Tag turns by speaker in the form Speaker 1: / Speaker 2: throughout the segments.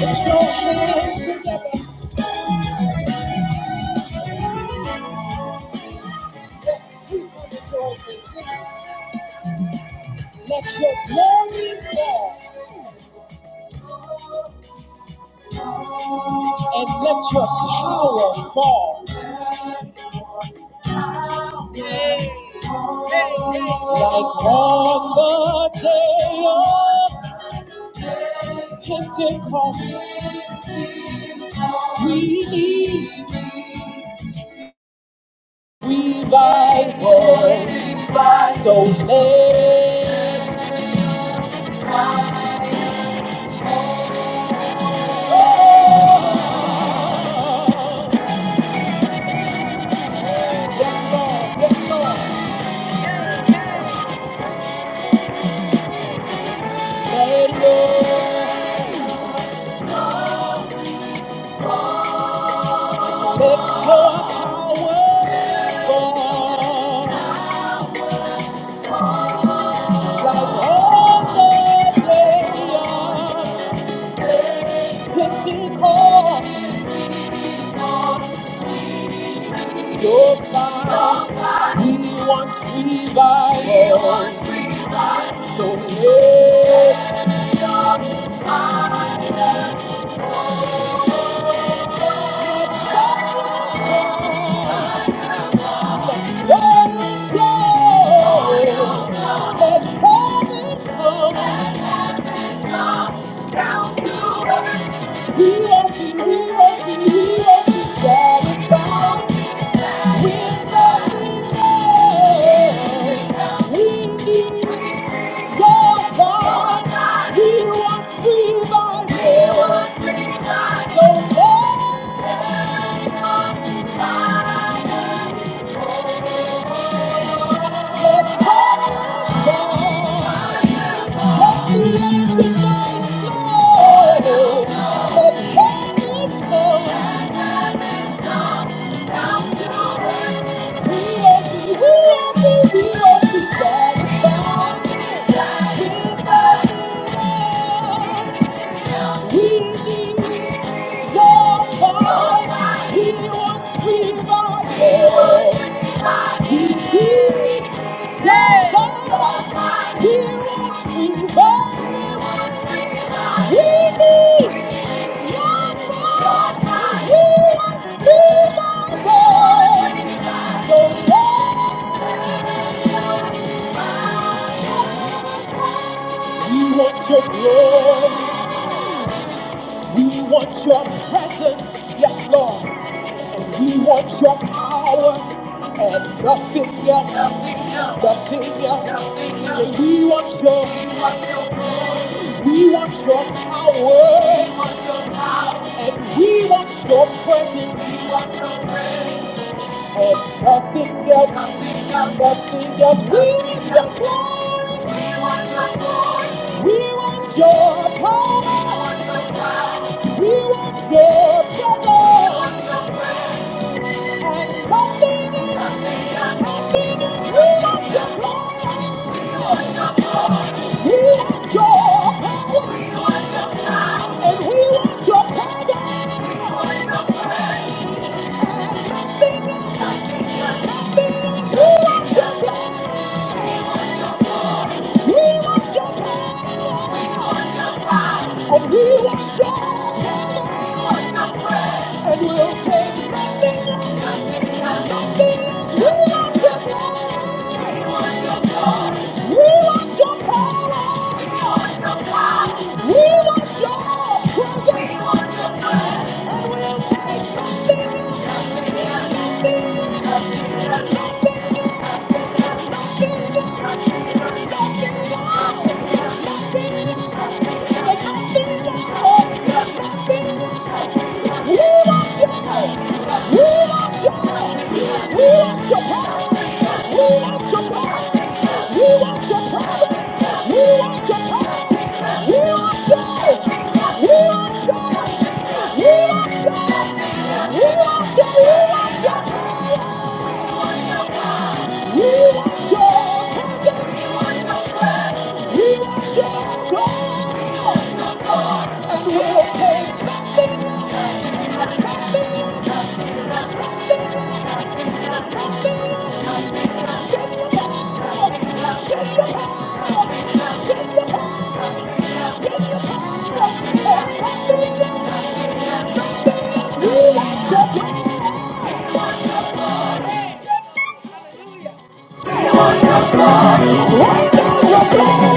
Speaker 1: Let your hands together. Yes, please come with your open Let your glory fall and let your power fall like on the day of Pentecost. We need revival. So let yes, Lord, yes, Lord, let Lord, let your power fall. like all the way of Pentecost, you'll find we want revival. So let fire flow, let it flow, let heaven come. We won't be, we won't be, we won't be satisfied with nothing else. We need He wants revival. We want your glory. We want your presence. Yes, Lord. And we want your power and nothing else, nothing else. So we want your, we want your power And he wants your presence. And nothing else, nothing else, nothing else. We want your glory. We want your glory. We want your power. We want your presence. And nothing else, nothing else, nothing else. We want your glory. We want your power. And we want your presence. Nothing else, nothing else. We want your glory. We want your power. And we want your and we'll take something else, something else. We want your power, we want your power, we want your presence, and we'll take something else, something else, something else, something else. We want your, we want your, we want your power, we want your power, we want your presence, we want your power, we want your, we want your, we want your, we want your. we want your. We want your attention. We want your glory. And we'll take nothing. Send your power. Send your power. your, send your power. And nothing else. We want your glory. Right now, your glory.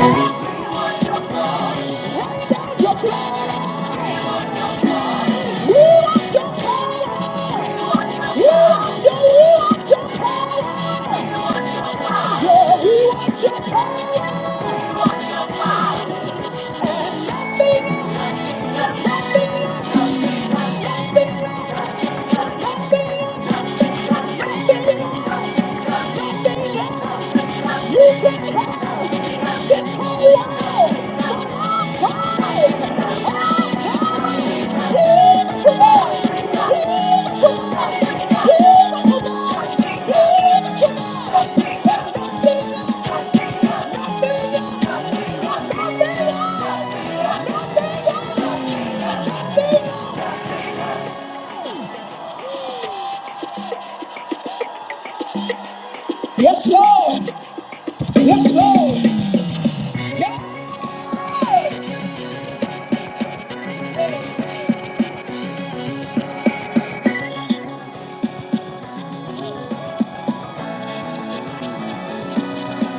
Speaker 1: We want your power. We want your, we want your power. Yeah, we want your power. Nothing, nothing, nothing, Let's Let's go! Let's go!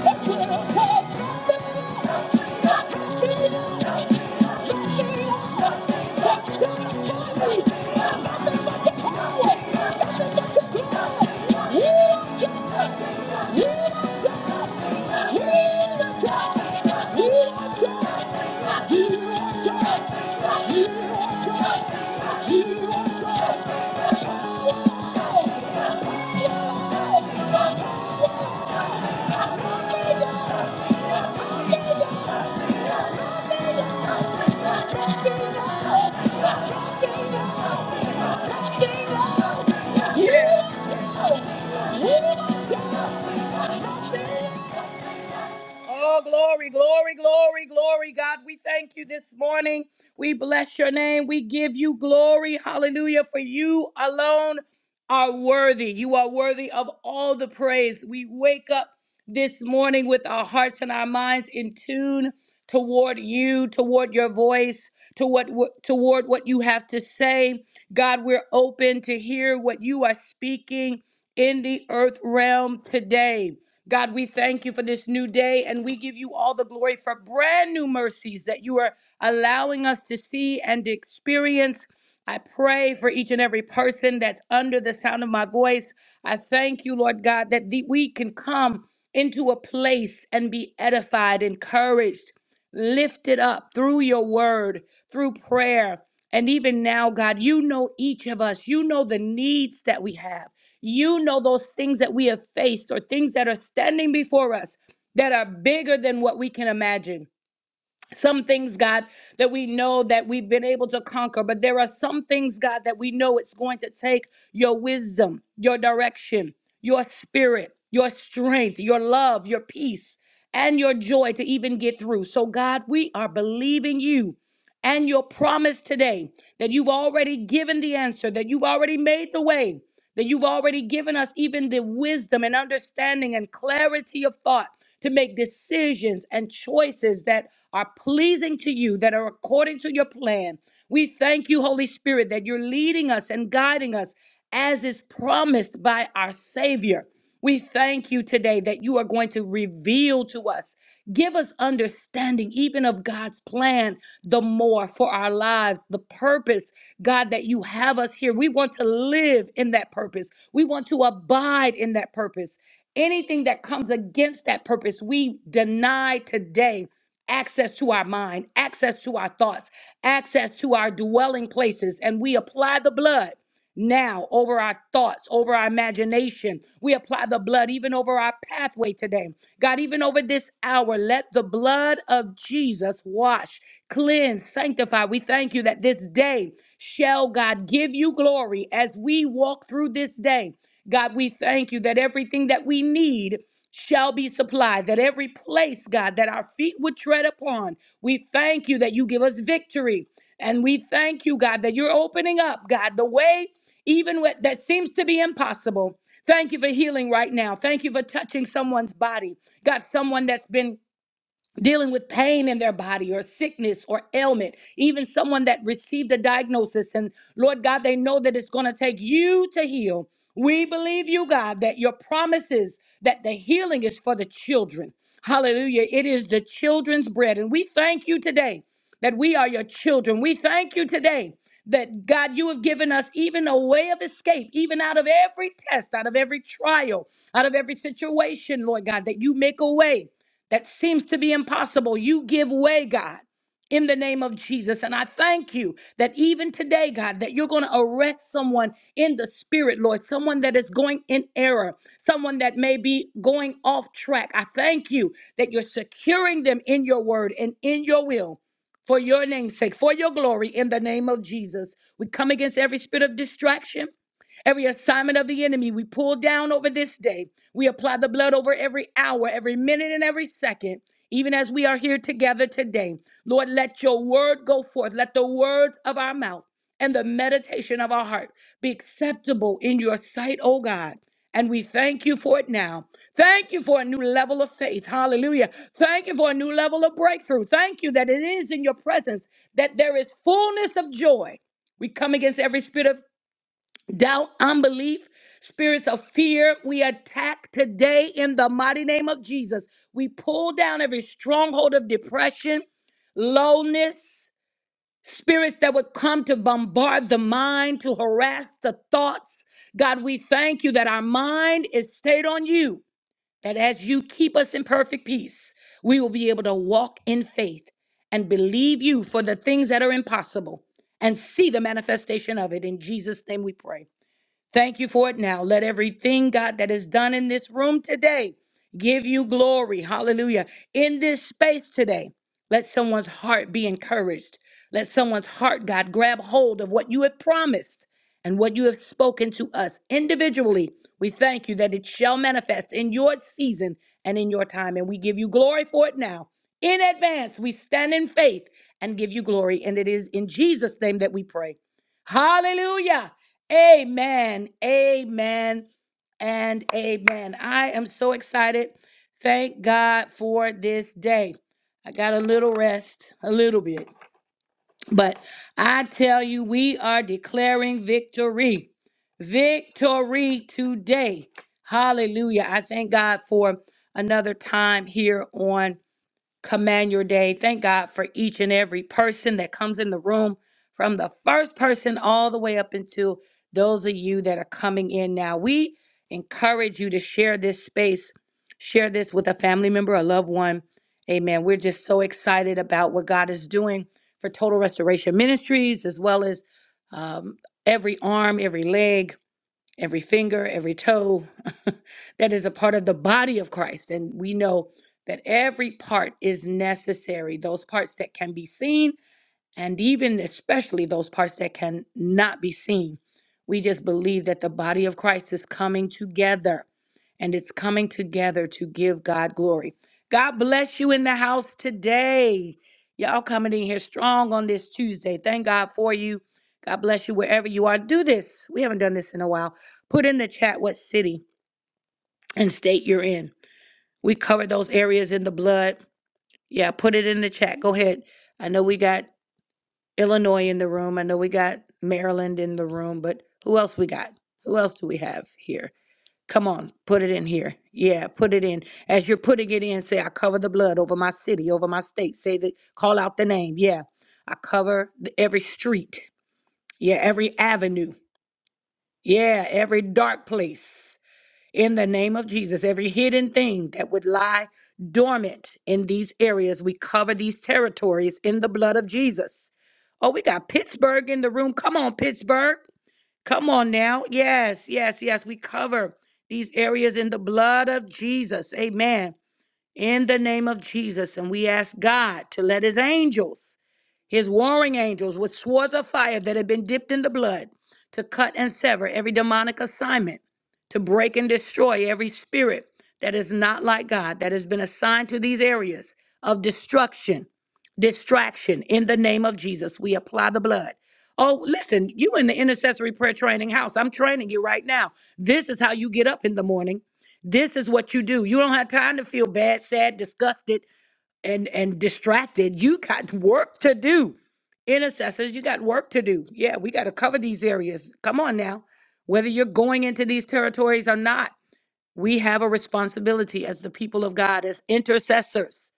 Speaker 1: Let's go! Yeah! Oh, glory, glory, glory, glory. God, we thank you this morning. We bless your name. We give you glory. Hallelujah. For you alone are worthy. You are worthy of all the praise. We wake up this morning with our hearts and our minds in tune toward you, toward your voice, toward what, toward what you have to say. God, we're open to hear what you are speaking in the earth realm today. God, we thank you for this new day and we give you all the glory for brand new mercies that you are allowing us to see and experience. I pray for each and every person that's under the sound of my voice. I thank you, Lord God, that the, we can come into a place and be edified, encouraged, lifted up through your word, through prayer. And even now, God, you know each of us. You know the needs that we have. You know those things that we have faced or things that are standing before us that are bigger than what we can imagine some things, God, that we know that we've been able to conquer, but there are some things, God, that we know it's going to take your wisdom, your direction, your spirit, your strength, your love, your peace, and your joy to even get through. So, God, we are believing you and your promise today that you've already given the answer, that you've already made the way that you've already given us even the wisdom and understanding and clarity of thought to make decisions and choices that are pleasing to you, that are according to your plan. We thank you, Holy Spirit, that you're leading us and guiding us as is promised by our Savior. We thank you today that you are going to reveal to us, give us understanding even of God's plan the more for our lives, the purpose, God, that you have us here. We want to live in that purpose, we want to abide in that purpose. Anything that comes against that purpose, we deny today access to our mind, access to our thoughts, access to our dwelling places, and we apply the blood now over our thoughts, over our imagination. We apply the blood even over our pathway today. God, even over this hour, let the blood of Jesus wash, cleanse, sanctify. We thank you that this day shall God give you glory as we walk through this day. God, we thank you that everything that we need shall be supplied, that every place, God, that our feet would tread upon, we thank you that you give us victory. And we thank you, God, that you're opening up, God, the way even what that seems to be impossible. Thank you for healing right now. Thank you for touching someone's body. God, someone that's been dealing with pain in their body or sickness or ailment, even someone that received a diagnosis. And Lord God, they know that it's going to take you to heal. We believe you, God, that your promises that the healing is for the children. Hallelujah. It is the children's bread. And we thank you today that we are your children. We thank you today that God, you have given us even a way of escape, even out of every test, out of every trial, out of every situation, Lord God, that you make a way that seems to be impossible, you give way, God, in the name of Jesus. And I thank you that even today, God, that you're going to arrest someone in the spirit, Lord, someone that is going in error, someone that may be going off track. I thank you that you're securing them in your word and in your will. For your name's sake, for your glory, in the name of Jesus. We come against every spirit of distraction. Every assignment of the enemy we pull down over this day. We apply the blood over every hour, every minute, and every second, even as we are here together today. Lord, let your word go forth. Let the words of our mouth and the meditation of our heart be acceptable in your sight, O God. And we thank you for it now. Thank you for a new level of faith. Hallelujah. Thank you for a new level of breakthrough. Thank you that it is in your presence that there is fullness of joy. We come against every spirit of doubt, unbelief, spirits of fear. We attack today in the mighty name of Jesus. We pull down every stronghold of depression, lowness, spirits that would come to bombard the mind, to harass the thoughts. God, we thank you that our mind is stayed on you, that as you keep us in perfect peace, we will be able to walk in faith and believe you for the things that are impossible and see the manifestation of it. In Jesus' name we pray. Thank you for it now. Let everything, God, that is done in this room today give you glory. Hallelujah. In this space today, let someone's heart be encouraged. Let someone's heart, God, grab hold of what you have promised and what you have spoken to us individually. We thank you that it shall manifest in your season and in your time. And we give you glory for it now. In advance, we stand in faith and give you glory. And it is in Jesus' name that we pray. Hallelujah. Amen. Amen. And amen. I am so excited. Thank God for this day. I got a little rest, a little bit. But I tell you, we are declaring victory. Victory today. Hallelujah. I thank God for another time here on command your day. Thank God for each and every person that comes in the room, from the first person all the way up into those of you that are coming in now. We encourage you to share this space, share this with a family member, a loved one. Amen. We're just so excited about what God is doing for Total Restoration Ministries, as well as um, every arm, every leg every finger, every toe, that is a part of the body of Christ. And we know that every part is necessary. Those parts that can be seen and even especially those parts that cannot be seen. We just believe that the body of Christ is coming together and it's coming together to give God glory. God bless you in the house today. Y'all coming in here strong on this Tuesday. Thank God for you. God bless you wherever you are. Do this. We haven't done this in a while. Put in the chat what city and state you're in. We cover those areas in the blood. Yeah, put it in the chat. Go ahead. I know we got Illinois in the room. I know we got Maryland in the room, but who else we got? Who else do we have here? Come on, put it in here. Yeah, put it in. As you're putting it in, say, I cover the blood over my city, over my state. Say the call out the name. Yeah. I cover the, every street. Yeah, every avenue. Yeah, every dark place. In the name of Jesus, every hidden thing that would lie dormant in these areas, we cover these territories in the blood of Jesus. Oh, we got Pittsburgh in the room. Come on, Pittsburgh. Come on now. Yes, yes, yes. We cover these areas in the blood of Jesus. Amen. In the name of Jesus. And we ask God to let his angels his warring angels with swords of fire that had been dipped in the blood to cut and sever every demonic assignment, to break and destroy every spirit that is not like God, that has been assigned to these areas of destruction, distraction. In the name of Jesus, we apply the blood. Oh, listen, you in the intercessory prayer training house, I'm training you right now. This is how you get up in the morning. This is what you do. You don't have time to feel bad, sad, disgusted and and distracted you got work to do intercessors you got work to do yeah we got to cover these areas come on now whether you're going into these territories or not we have a responsibility as the people of God, as intercessors.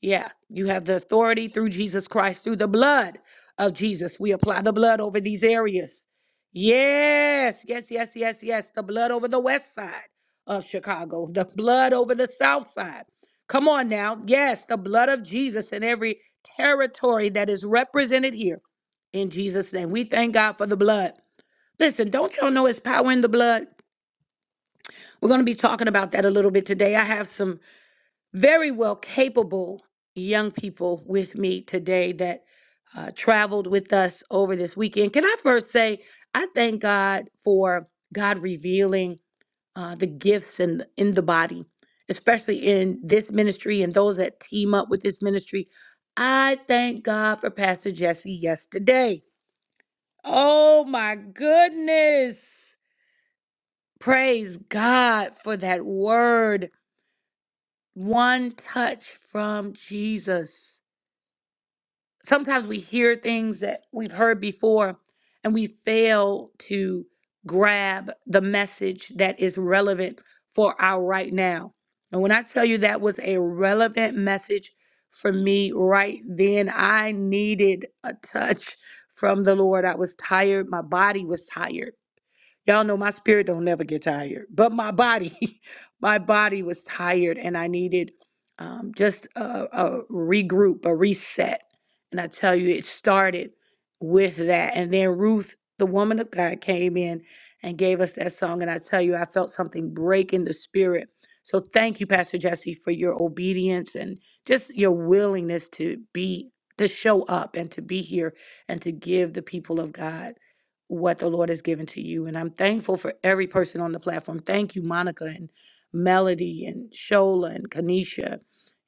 Speaker 1: Yeah, you have the authority through Jesus Christ, through the blood of Jesus. We apply the blood over these areas. Yes, yes, yes, yes, yes. The blood over the west side of Chicago, the blood over the south side. Come on now. Yes, the blood of Jesus in every territory that is represented here in Jesus' name. We thank God for the blood. Listen, don't y'all know it's power in the blood? We're going to be talking about that a little bit today. I have some very well capable young people with me today that uh, traveled with us over this weekend. Can I first say, I thank God for God revealing uh, the gifts in, in the body, especially in this ministry and those that team up with this ministry. I thank God for Pastor Jesse yesterday. Oh my goodness. Praise God for that word one touch from Jesus. Sometimes we hear things that we've heard before and we fail to grab the message that is relevant for our right now. And when I tell you that was a relevant message for me right then, I needed a touch from the Lord. I was tired, my body was tired. Y'all know my spirit don't never get tired, but my body, my body was tired and I needed um, just a, a regroup, a reset. And I tell you, it started with that. And then Ruth, the woman of God, came in and gave us that song. And I tell you, I felt something break in the spirit. So thank you, Pastor Jesse, for your obedience and just your willingness to be, to show up and to be here and to give the people of God what the Lord has given to you. And I'm thankful for every person on the platform. Thank you, Monica and Melody and Shola and Kanisha,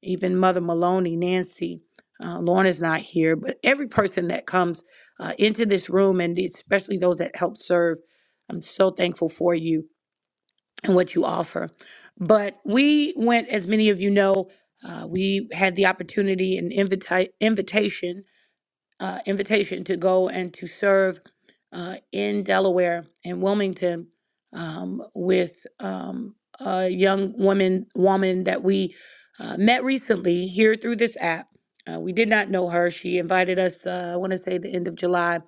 Speaker 1: even Mother Maloney, Nancy. Uh, Lorna's not here, but every person that comes uh, into this room and especially those that help serve, I'm so thankful for you and what you offer. But we went, as many of you know, uh, we had the opportunity and invita- invitation uh, invitation to go and to serve uh, in Delaware in Wilmington um, with um, a young woman woman that we uh, met recently here through this app. Uh, we did not know her. She invited us. Uh, I want to say the end of July,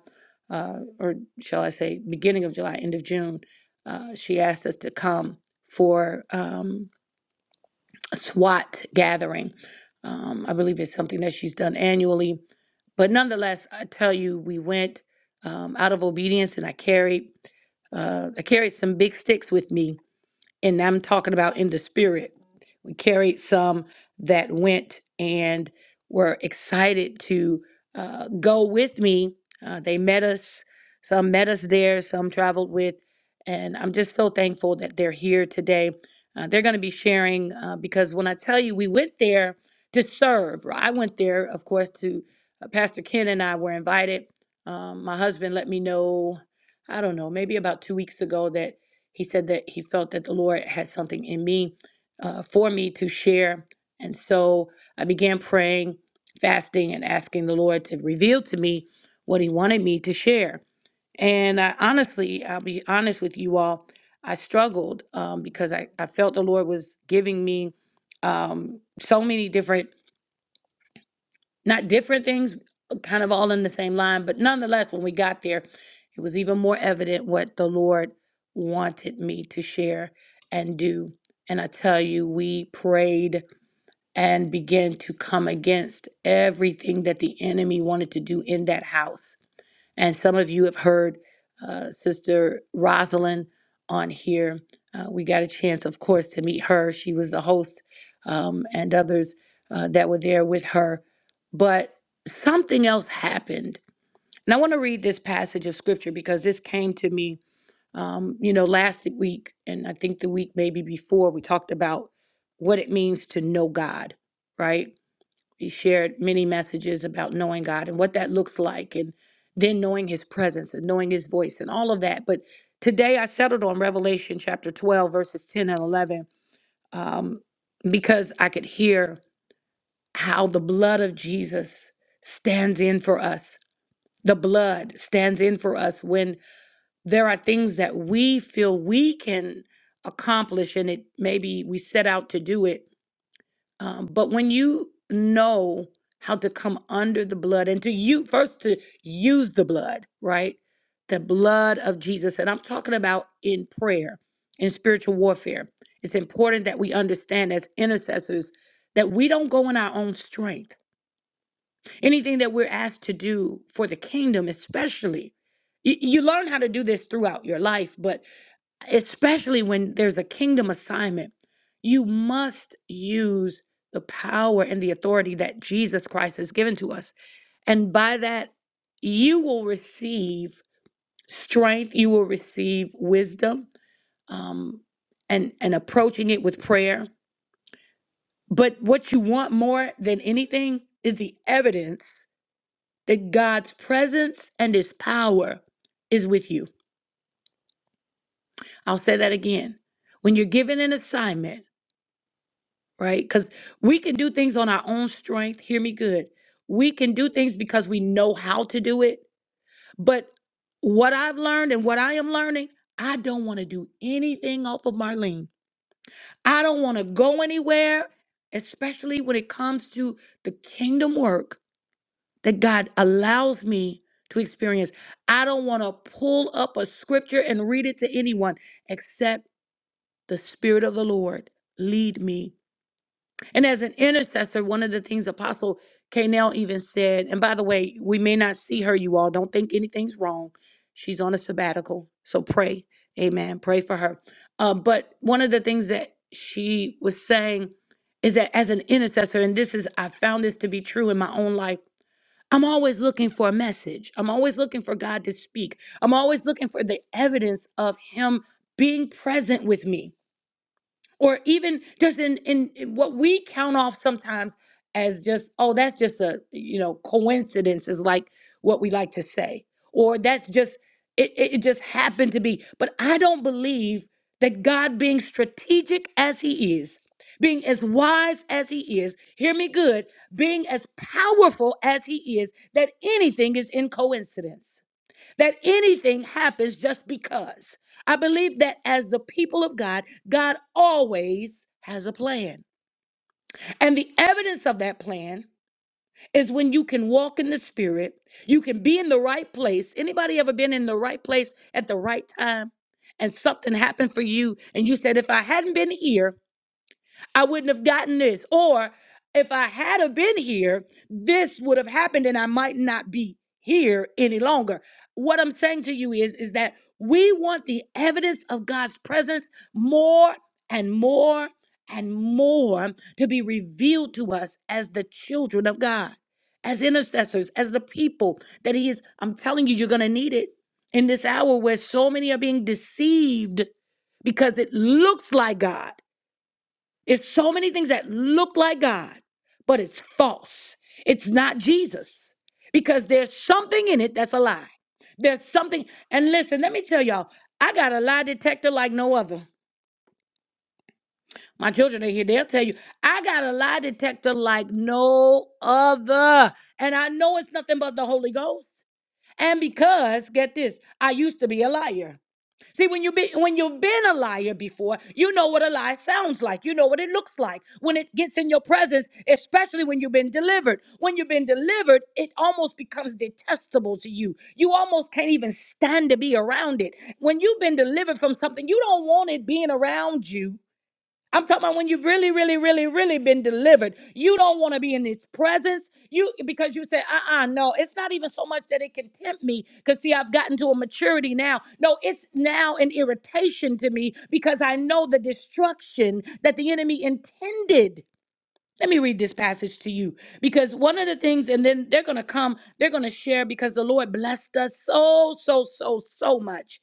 Speaker 1: uh, or shall I say beginning of July, end of June. Uh, she asked us to come for um, a SWAT gathering. Um, I believe it's something that she's done annually but nonetheless, I tell you, we went um, out of obedience, and I carried uh, I carried some big sticks with me, and I'm talking about in the spirit we carried some that went and were excited to uh, go with me. Uh, they met us, some met us there, some traveled with, and I'm just so thankful that they're here today. Uh, they're going to be sharing uh, because when I tell you we went there to serve, well, I went there, of course, to uh, Pastor Ken and I were invited. Um, my husband let me know, I don't know, maybe about two weeks ago that he said that he felt that the Lord had something in me uh, for me to share. And so I began praying, fasting, and asking the Lord to reveal to me what He wanted me to share. And I honestly, I'll be honest with you all, I struggled um, because I, I felt the Lord was giving me um, so many different, not different things, kind of all in the same line. But nonetheless, when we got there, it was even more evident what the Lord wanted me to share and do. And I tell you, we prayed and began to come against everything that the enemy wanted to do in that house. And some of you have heard uh, Sister Rosalind on here. Uh, we got a chance, of course, to meet her. She was the host um, and others uh, that were there with her. But something else happened. And I want to read this passage of scripture because this came to me, um, you know, last week. And I think the week maybe before, we talked about what it means to know God right? He shared many messages about knowing God and what that looks like, and then knowing His presence and knowing His voice and all of that. But today I settled on Revelation chapter 12, verses 10 and 11, um, because I could hear how the blood of Jesus stands in for us. The blood stands in for us when there are things that we feel we can accomplish, and it maybe we set out to do it um, but when you know how to come under the blood and to you first to use the blood, right? The blood of Jesus. And I'm talking about in prayer, in spiritual warfare. It's important that we understand as intercessors that we don't go in our own strength. Anything that we're asked to do for the kingdom, especially, you, you learn how to do this throughout your life, but especially when there's a kingdom assignment, you must use the power and the authority that Jesus Christ has given to us. And by that, you will receive strength, you will receive wisdom, um, and, and approaching it with prayer. But what you want more than anything is the evidence that God's presence and his power is with you. I'll say that again. When you're given an assignment, right? Because we can do things on our own strength. Hear me good. We can do things because we know how to do it. But what I've learned and what I am learning, I don't want to do anything off of Marlene. I don't want to go anywhere, especially when it comes to the kingdom work that God allows me to experience. I don't want to pull up a scripture and read it to anyone except the Spirit of the Lord lead me And as an intercessor, one of the things Apostle Kanell even said, and by the way, we may not see her, you all. Don't think anything's wrong. She's on a sabbatical. So pray. Amen. Pray for her. Uh, but one of the things that she was saying is that as an intercessor, and this is, I found this to be true in my own life. I'm always looking for a message. I'm always looking for God to speak. I'm always looking for the evidence of Him being present with me or even just in in in what we count off sometimes as just oh that's just a you know coincidence is like what we like to say or that's just it, it it just happened to be but i don't believe that god being strategic as he is being as wise as he is hear me good being as powerful as he is that anything is in coincidence that anything happens just because. I believe that as the people of God, God always has a plan. And the evidence of that plan is when you can walk in the spirit, you can be in the right place. Anybody ever been in the right place at the right time and something happened for you and you said if I hadn't been here, I wouldn't have gotten this. Or if I had have been here, this would have happened and I might not be here any longer. What I'm saying to you is is that we want the evidence of God's presence more and more and more to be revealed to us as the children of God, as intercessors, as the people that he is I'm telling you you're going to need it in this hour where so many are being deceived because it looks like God it's so many things that look like God, but it's false. It's not Jesus because there's something in it that's a lie. There's something. And listen, let me tell y'all, I got a lie detector like no other. My children are here. They'll tell you, I got a lie detector like no other. And I know it's nothing but the Holy Ghost. And because, get this, I used to be a liar. See, when you be when you've been a liar before, you know what a lie sounds like. You know what it looks like when it gets in your presence, especially when you've been delivered. When you've been delivered, it almost becomes detestable to you. You almost can't even stand to be around it. When you've been delivered from something, you don't want it being around you. I'm talking about when you've really, really, really, really been delivered. You don't want to be in his presence. You because you said, uh-uh, no, it's not even so much that it can tempt me. Cause see, I've gotten to a maturity now. No, it's now an irritation to me because I know the destruction that the enemy intended. Let me read this passage to you because one of the things, and then they're going to come, they're going to share because the Lord blessed us so, so, so, so much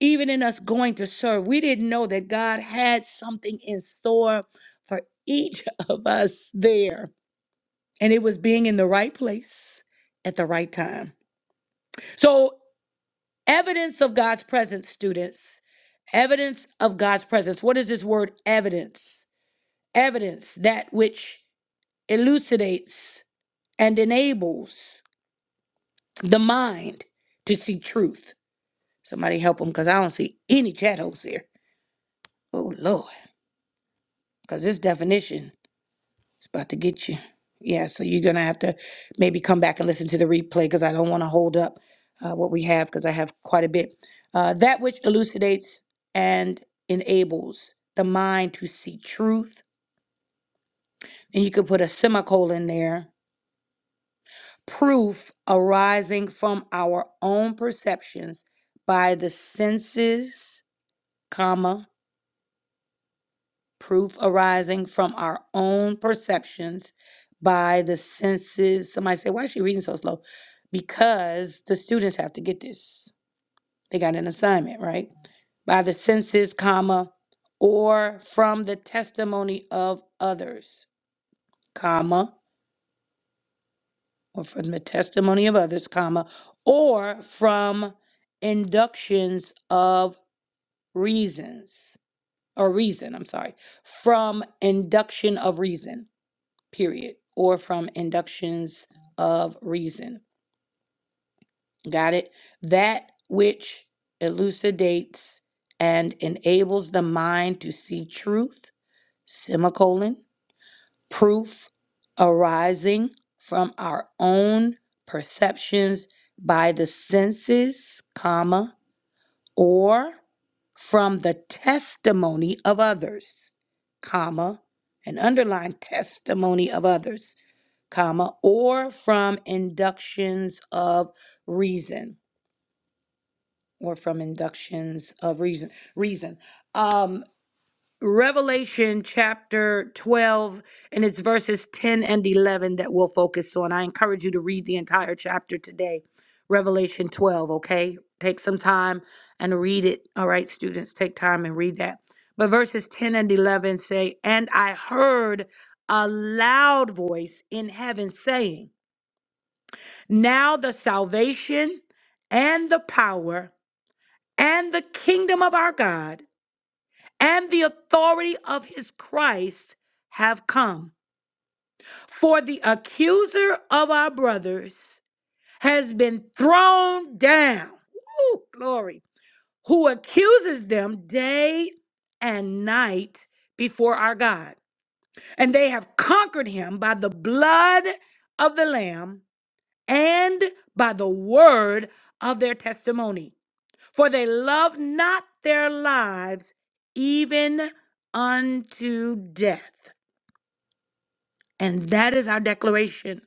Speaker 1: even in us going to serve, we didn't know that God had something in store for each of us there. And it was being in the right place at the right time. So, evidence of God's presence, students, evidence of God's presence. What is this word evidence? Evidence, that which elucidates and enables the mind to see truth. Somebody help them because I don't see any chat hosts here. Oh, Lord, because this definition It's about to get you. Yeah, so you're gonna have to maybe come back and listen to the replay because I don't want to hold up uh, what we have because I have quite a bit. Uh, that which elucidates and enables the mind to see truth, and you could put a semicolon there. Proof arising from our own perceptions by the senses, comma. proof arising from our own perceptions by the senses. Somebody say, why is she reading so slow? Because the students have to get this. They got an assignment, right? By the senses, comma, or from the testimony of others, comma, or from the testimony of others, comma, or from inductions of reasons or reason, I'm sorry, from induction of reason period, or from inductions of reason. Got it? That which elucidates and enables the mind to see truth, semicolon, proof arising from our own perceptions by the senses, comma, or from the testimony of others, comma, and underline testimony of others comma, or from inductions of reason, or from inductions of reason, reason. Um, Revelation chapter 12, and it's verses 10 and 11 that we'll focus on. I encourage you to read the entire chapter today, Revelation 12, okay? Take some time and read it. All right, students, take time and read that. But verses 10 and 11 say, And I heard a loud voice in heaven saying, Now the salvation and the power and the kingdom of our God and the authority of his Christ have come. For the accuser of our brothers has been thrown down. Woo, glory. Who accuses them day and night before our God. And they have conquered him by the blood of the Lamb and by the word of their testimony For they love not their lives even unto death. And that is our declaration.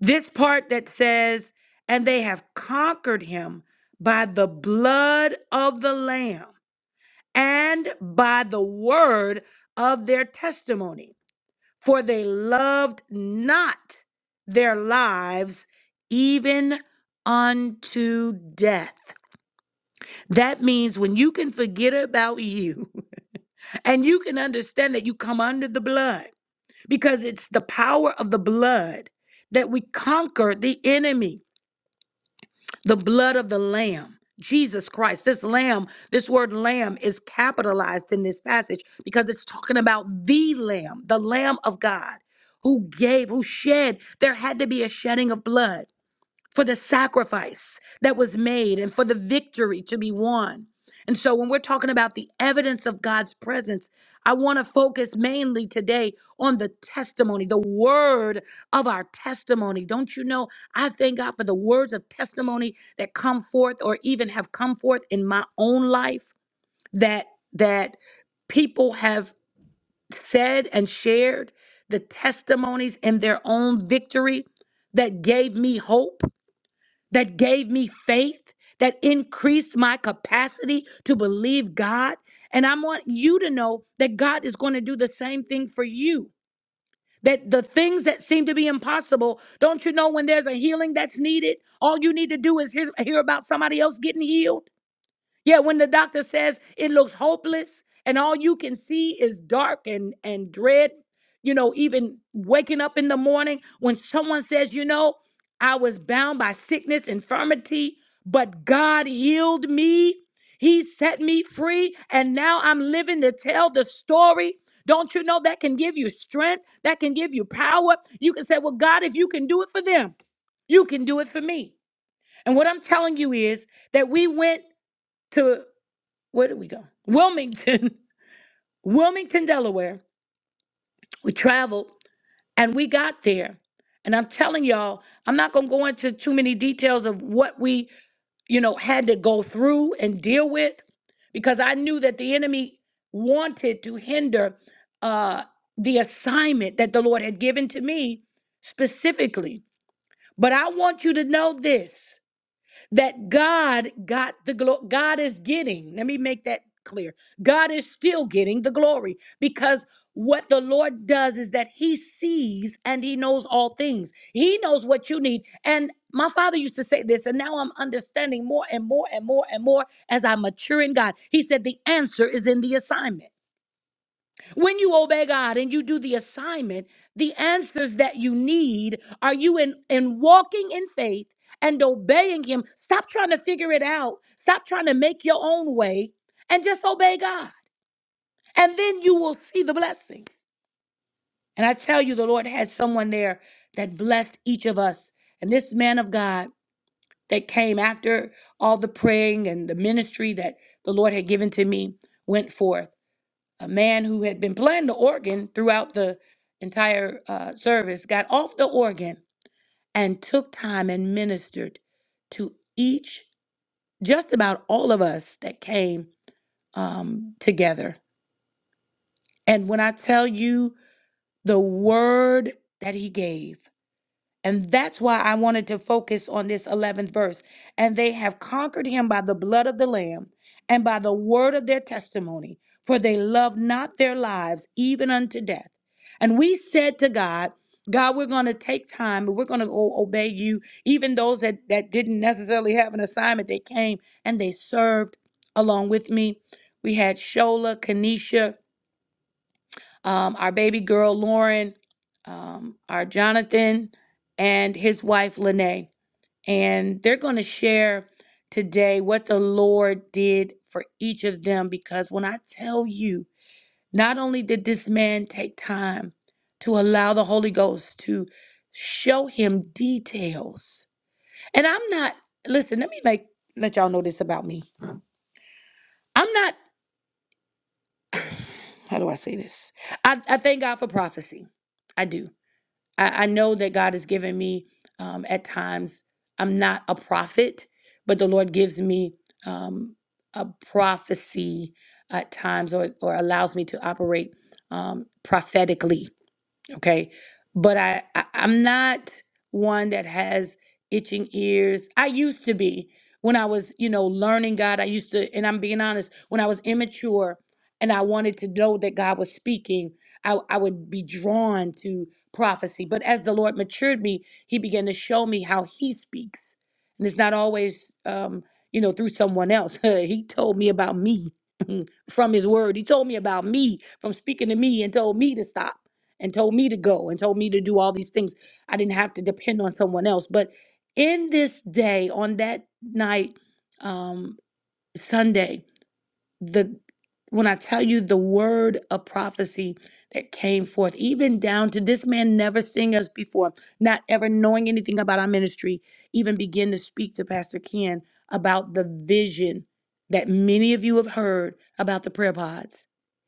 Speaker 1: This part that says, and they have conquered him by the blood of the Lamb and by the word of their testimony. For they loved not their lives even unto death. That means when you can forget about you And you can understand that you come under the blood because it's the power of the blood that we conquer the enemy, the blood of the Lamb. Jesus Christ, this lamb, this word lamb is capitalized in this passage because it's talking about the lamb, the lamb of God who gave, who shed. There had to be a shedding of blood for the sacrifice that was made and for the victory to be won. And so, when we're talking about the evidence of God's presence, I want to focus mainly today on the testimony, the word of our testimony. Don't you know? I thank God for the words of testimony that come forth or even have come forth in my own life that that people have said and shared the testimonies in their own victory that gave me hope that gave me faith, that increased my capacity to believe God. And I want you to know that God is going to do the same thing for you. That the things that seem to be impossible, don't you know when there's a healing that's needed? All you need to do is hear, hear about somebody else getting healed. Yeah, when the doctor says it looks hopeless and all you can see is dark and and dread, you know, even waking up in the morning when someone says, "You know, I was bound by sickness, infirmity, but God healed me. He set me free, and now I'm living to tell the story." Don't you know that can give you strength? That can give you power. You can say, "Well, God, if you can do it for them, you can do it for me." And what I'm telling you is that we went to where did we go? Wilmington, Wilmington, Delaware. We traveled and we got there. And I'm telling y'all, I'm not going to go into too many details of what we, you know, had to go through and deal with because I knew that the enemy wanted to hinder uh, the assignment that the Lord had given to me specifically. But I want you to know this that God got the glory. God is getting, let me make that clear. God is still getting the glory because what the Lord does is that He sees and He knows all things. He knows what you need. And my father used to say this, and now I'm understanding more and more and more and more as I mature in God. He said, The answer is in the assignment. When you obey God and you do the assignment, the answers that you need are you in, in walking in faith and obeying Him. Stop trying to figure it out, stop trying to make your own way, and just obey God. And then you will see the blessing. And I tell you, the Lord had someone there that blessed each of us. And this man of God that came after all the praying and the ministry that the Lord had given to me went forth a man who had been playing the organ throughout the entire uh, service got off the organ and took time and ministered to each, just about all of us that came um, together. And when I tell you the word that he gave, And that's why I wanted to focus on this 11th verse. And they have conquered him by the blood of the Lamb and by the word of their testimony, for they love not their lives even unto death. And we said to God, God, we're going to take time and we're going to go obey you. Even those that, that didn't necessarily have an assignment, they came and they served along with me. We had Shola, Kenesha, um, our baby girl Lauren, um, our Jonathan, and his wife Lene. And they're going to share today what the Lord did for each of them because when I tell you, not only did this man take time to allow the Holy Ghost to show him details, and I'm not, listen, let me like let y'all know this about me. I'm not, how do I say this? I, I thank God for prophecy. I do. I, I know that God has given me um, at times, I'm not a prophet, but the Lord gives me um, a prophecy at times or, or allows me to operate um, prophetically okay but I, I i'm not one that has itching ears i used to be when i was you know learning god i used to and i'm being honest when i was immature and i wanted to know that god was speaking i, I would be drawn to prophecy but as the lord matured me he began to show me how he speaks and it's not always um you know through someone else he told me about me from his word he told me about me from speaking to me and told me to stop and told me to go and told me to do all these things. I didn't have to depend on someone else. But in this day, on that night, um, Sunday, the when I tell you the word of prophecy that came forth, even down to this man never seeing us before, not ever knowing anything about our ministry, even begin to speak to Pastor Ken about the vision that many of you have heard about the prayer pods.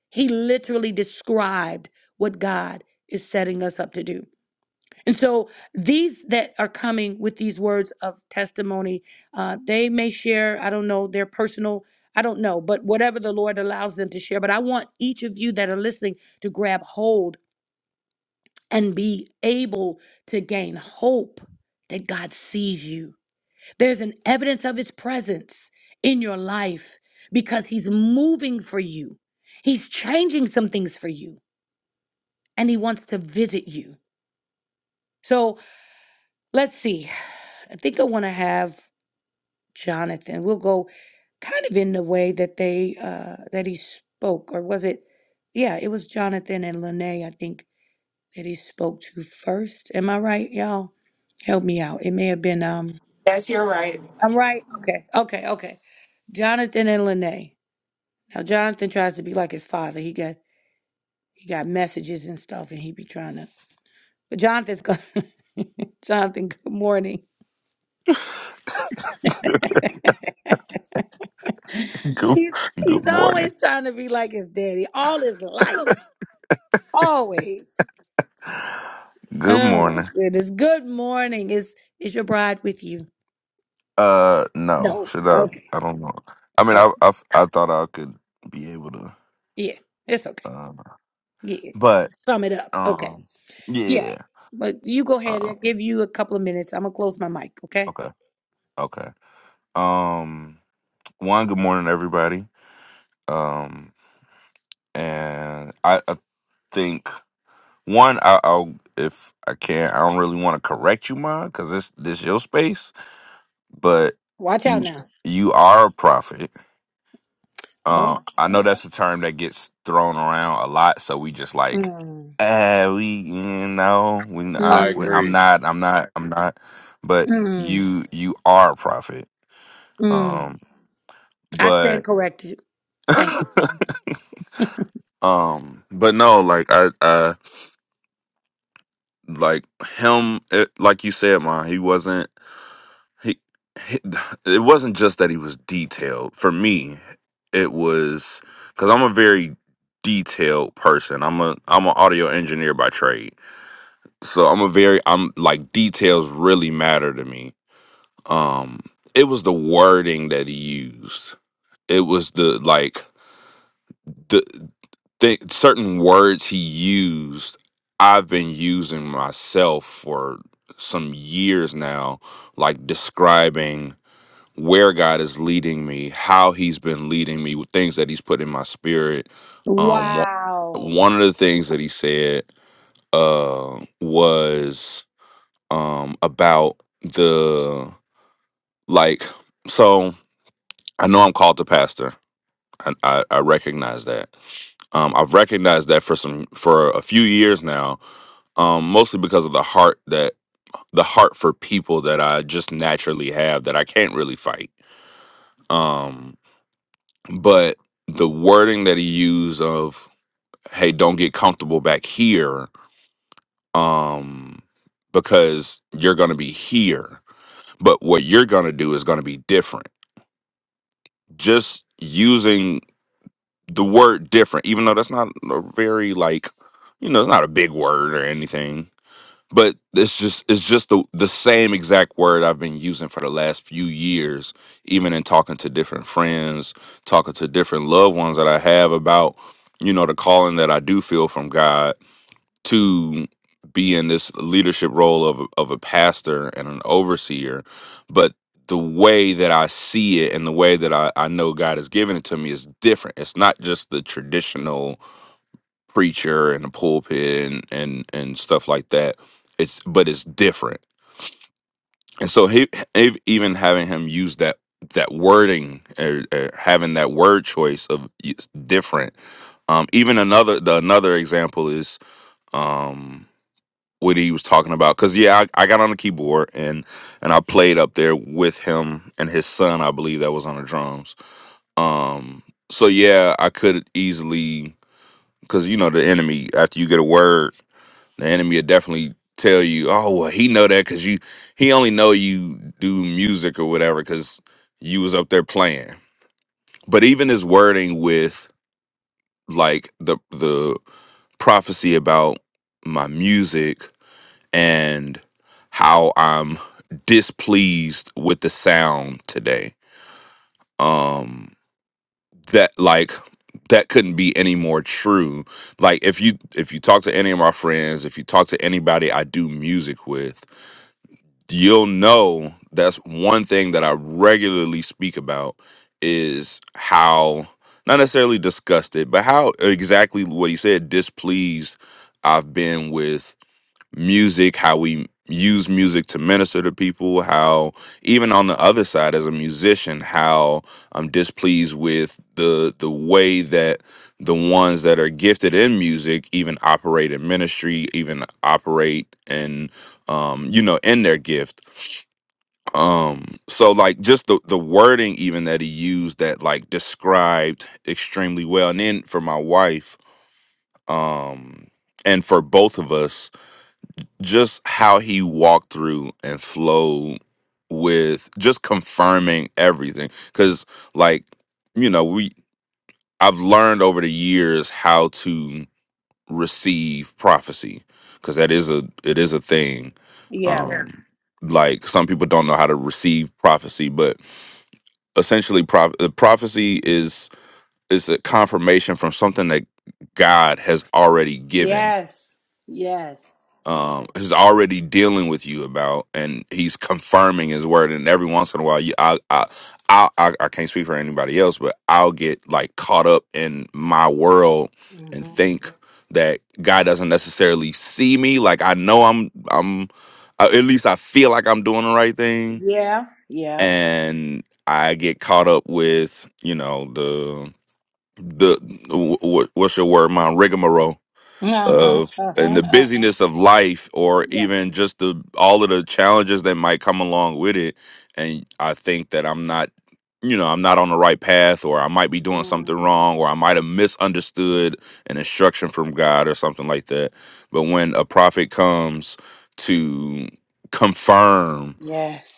Speaker 1: He literally described what God is setting us up to do. And so these that are coming with these words of testimony, uh, they may share, I don't know, their personal, I don't know, but whatever the Lord allows them to share. But I want each of you that are listening to grab hold and be able to gain hope that God sees you. There's an evidence of his presence in your life because he's moving for you. He's changing some things for you and he wants to visit you. So. Let's see. I think I want to have Jonathan. We'll go kind of in the way that they uh that he spoke, or was it? Yeah, it was Jonathan and Lene. I think that he spoke to first. Am I right, y'all? Help me out. It may have been um.
Speaker 2: Yes, you're right.
Speaker 1: I'm right. Okay. Okay. Okay. Jonathan and Lene. Now Jonathan tries to be like his father. He got he got messages and stuff, and he be trying to. But Jonathan's going. Jonathan, good morning.
Speaker 3: good,
Speaker 1: He's
Speaker 3: good
Speaker 1: he's
Speaker 3: morning.
Speaker 1: always trying to be like his daddy all his life. Always.
Speaker 3: Good
Speaker 1: Oh my
Speaker 3: morning.
Speaker 1: goodness. Good morning. Is is your bride with you?
Speaker 3: Uh, no,
Speaker 1: No.
Speaker 3: should I?
Speaker 1: Okay.
Speaker 3: I don't know. I mean,
Speaker 1: Okay.
Speaker 3: I I, I thought I could be able to.
Speaker 1: Yeah. It's okay.
Speaker 3: Um,
Speaker 1: Yeah.
Speaker 3: but
Speaker 1: Sum it up. Okay.
Speaker 3: um, yeah. yeah,
Speaker 1: Yeah.
Speaker 3: yeah.
Speaker 1: But you go ahead
Speaker 3: Uh,
Speaker 1: and give you a couple of minutes. I'm gonna close my mic, okay?
Speaker 3: okay, okay. Um, one. Good morning, everybody. Um, and I, I think one. I, I'll if I can. I don't really want to correct you, ma, because this this your space. But
Speaker 1: Watch out
Speaker 3: you
Speaker 1: now.
Speaker 3: you are a prophet. Um,
Speaker 1: Oh.
Speaker 3: I know that's a term that gets thrown around a lot, so we just like,
Speaker 1: Mm.
Speaker 3: eh, we you know, we
Speaker 4: I
Speaker 3: not, we,
Speaker 1: Mm.
Speaker 3: I'm
Speaker 4: agree.
Speaker 3: not, I'm not, I'm not, but
Speaker 1: Mm.
Speaker 3: you you are a prophet.
Speaker 1: Mm.
Speaker 3: Um,
Speaker 1: I stand
Speaker 3: but
Speaker 1: corrected. Thank you, son.
Speaker 3: um, but no, like I, I like him, it, like you said, man, he wasn't. he, he- it wasn't just that he was detailed for me it was because i'm a very detailed person i'm a i'm an audio engineer by trade so i'm a very i'm like details really matter to me um it was the wording that he used it was the like the th- certain words he used i've been using myself for some years now like describing where God is leading me, how He's been leading me, with things that He's put in my spirit. Um, one
Speaker 1: Wow.
Speaker 3: one of the things that He said uh, was um, about the like. So I know I'm called to pastor. I, I, I recognize that. Um, I've recognized that for some for a few years now, um, mostly because of the heart that the heart for people that I just naturally have that I can't really fight. Um, but the wording that he used of hey don't get comfortable back here um because you're going to be here but what you're going to do is going to be different just using the word different even though that's not a very like you know it's not a big word or anything but it's just it's just the the same exact word I've been using for the last few years, even in talking to different friends, talking to different loved ones that I have about, you know, the calling that I do feel from God to be in this leadership role of a- of a pastor and an overseer, but the way that I see it and the way that I, I know God has given it to me is different. It's not just the traditional preacher and the pulpit and, and and stuff like that. It's but it's different. And so he ev- even having him use that that wording or, or having that word choice of it's different. Um, even another the another example is um what he was talking about because yeah I, I got on the keyboard and and I played up there with him and his son I believe that was on the drums um so yeah I could easily because you know the enemy after you get a word The enemy will definitely tell you, "Oh, well, he know that because you he only know you do music or whatever because you was up there playing." But even his wording with like the the prophecy about my music and how I'm displeased with the sound today. Um, that like that couldn't be any more true like if you if you talk to any of my friends if you talk to anybody i do music with you'll know that's one thing that I regularly speak about is how not necessarily disgusted, but how exactly what he said displeased I've been with music, how we use music to minister to people, how even on the other side as a musician, how I'm displeased with the the way that the ones that are gifted in music even operate in ministry, even operate in um, you know, in their gift um so like just the the wording even that he used that like described extremely well and then for my wife um and for both of us just how he walked through and flowed with just confirming everything cuz like you know we I've learned over the years how to receive prophecy cuz that is a it is a thing Yeah.
Speaker 1: Yeah.
Speaker 3: um Yeah. like some people don't know how to receive prophecy but essentially proph- the prophecy is is a confirmation from something that God has already given
Speaker 1: Yes. Yes.
Speaker 3: um is already dealing with you about and he's confirming his word and every once in a while you I I I I, I can't speak for anybody else but I'll get like caught up in my world and think that God doesn't necessarily see me like I know I'm I'm uh, at least I feel like I'm doing the right thing and I get caught up with you know the. the what, what's your word, mom? Rigmarole
Speaker 1: Uh-huh.
Speaker 3: of
Speaker 1: Uh-huh.
Speaker 3: and the busyness of life, or even just the all of the challenges that might come along with it. And I think that I'm not, you know, I'm not on the right path, or I might be doing something wrong, or I might have misunderstood an instruction from God or something like that. But when a prophet comes to confirm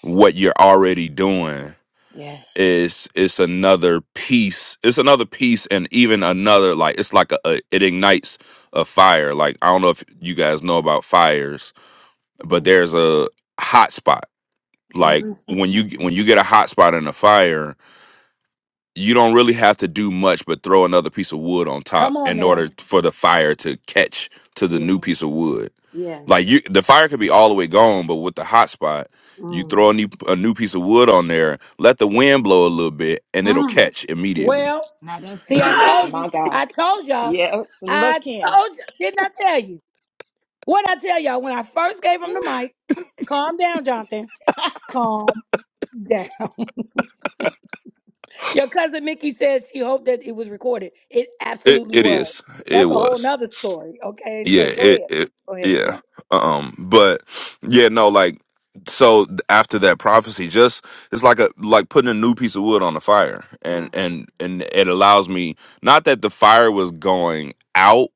Speaker 3: what you're already doing is it's another piece it's another piece and even another like it's like a, a it ignites a fire like i don't know if you guys know about fires but there's a hot spot
Speaker 1: hmm
Speaker 3: like when you when you get a hot spot in a fire you don't really have to do much but throw another piece of wood on top
Speaker 1: Come on
Speaker 3: in
Speaker 1: now.
Speaker 3: order for the fire to catch to the new piece of wood.
Speaker 1: Yeah.
Speaker 3: Like you, the fire could be all the way gone, but with the hot spot, you
Speaker 1: Mm.
Speaker 3: throw a new a new piece of wood on there, let the wind blow a little bit, and it'll
Speaker 1: Mm.
Speaker 3: catch immediately.
Speaker 1: Well,
Speaker 5: Now that's
Speaker 1: see, I
Speaker 5: good.
Speaker 1: told you.
Speaker 5: My God.
Speaker 1: I told y'all.
Speaker 5: Yes.
Speaker 1: I
Speaker 5: Look in.
Speaker 1: told you. Didn't I tell you? What I tell y'all when I first gave him the
Speaker 5: Woo.
Speaker 1: mic? Calm down, Jonathan. Calm down. Your cousin Mickey says she hoped that it was recorded. It
Speaker 3: It
Speaker 1: absolutely
Speaker 3: it is.
Speaker 1: was.
Speaker 3: It
Speaker 1: That's a whole
Speaker 3: was.
Speaker 1: nother story. Okay,
Speaker 3: Yeah,
Speaker 1: so go
Speaker 3: it,
Speaker 1: ahead.
Speaker 3: it
Speaker 1: Go ahead.
Speaker 3: yeah.
Speaker 1: Yeah.
Speaker 3: Um, but yeah, no, like so th- after that prophecy, just it's like a like putting a new piece of wood on the fire, and and and it allows me not that the fire was going out,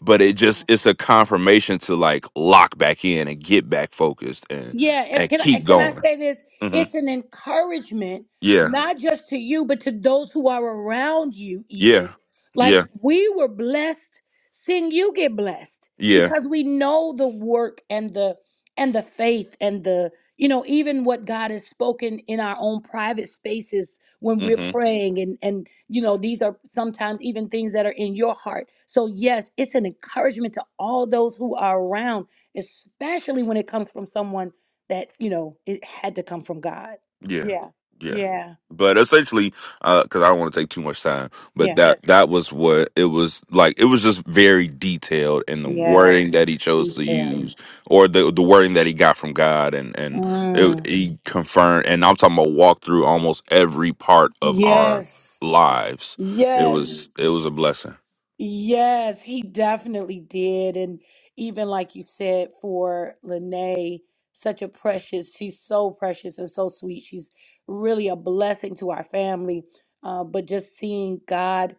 Speaker 3: but it just it's a confirmation to like lock back in and get back focused and
Speaker 1: Yeah, if,
Speaker 3: and
Speaker 1: can I
Speaker 3: keep
Speaker 1: and can I
Speaker 3: going.
Speaker 1: say this?
Speaker 3: hmm
Speaker 1: It's an encouragement,
Speaker 3: Yeah,
Speaker 1: not just to you, but to those who are around you.
Speaker 3: yeah,
Speaker 1: Even like
Speaker 3: yeah,
Speaker 1: we were blessed, seeing you get blessed
Speaker 3: yeah.
Speaker 1: because we know the work and the and the faith and the you know even what God has spoken in our own private spaces when we're
Speaker 3: mm-hmm.
Speaker 1: praying and and you know these are sometimes even things that are in your heart. So yes, it's an encouragement to all those who are around especially when it comes from someone that, you know, it had to come from God.
Speaker 3: Yeah,
Speaker 1: Yeah.
Speaker 3: yeah.
Speaker 1: Yeah.
Speaker 3: But essentially, because I don't want to take too much time, but
Speaker 1: Yeah.
Speaker 3: that Yes. that was what it was like. It was just very detailed in the
Speaker 1: Yeah,
Speaker 3: wording that he chose to
Speaker 1: detail.
Speaker 3: use, or the the wording that he got from God, and and it,
Speaker 1: Mm.
Speaker 3: he confirmed. And I'm talking about walk through almost every part of our
Speaker 1: Yes.
Speaker 3: lives. It
Speaker 1: Yes.
Speaker 3: was it was a blessing.
Speaker 1: Yes, he definitely did. And even like you said, for Lene, such a precious, she's so precious and so sweet. She's really a blessing to our family. Uh, but just seeing God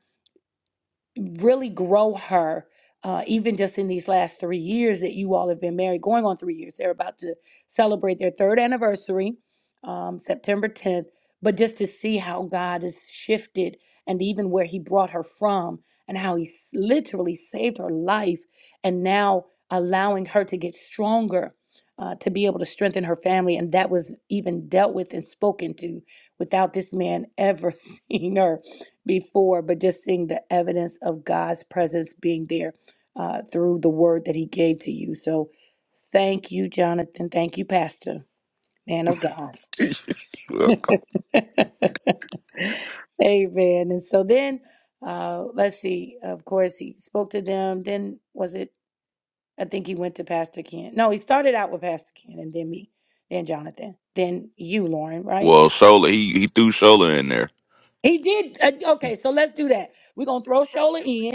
Speaker 1: really grow her uh, even just in these last three years that you all have been married going on three years they're about to celebrate their third anniversary um, september 10th but just to see how god has shifted and even where he brought her from and how he s- literally saved her life and now allowing her to get stronger uh, to be able to strengthen her family and that was even dealt with and spoken to without this man ever seeing her before, but just seeing the evidence of God's presence being there uh, through the word that He gave to you. So thank you, Jonathan. Thank you, Pastor, man of God. Amen. And so then, uh, let's see. Of course, he spoke to them. Then was it? I think he went to Pastor Ken. No, he started out with Pastor Ken, and then me, then Jonathan, then you, Lauren. Right?
Speaker 3: well, Shola, he he threw Shola in there.
Speaker 1: He did. Uh, okay, so let's do that. We're gonna throw Shola in.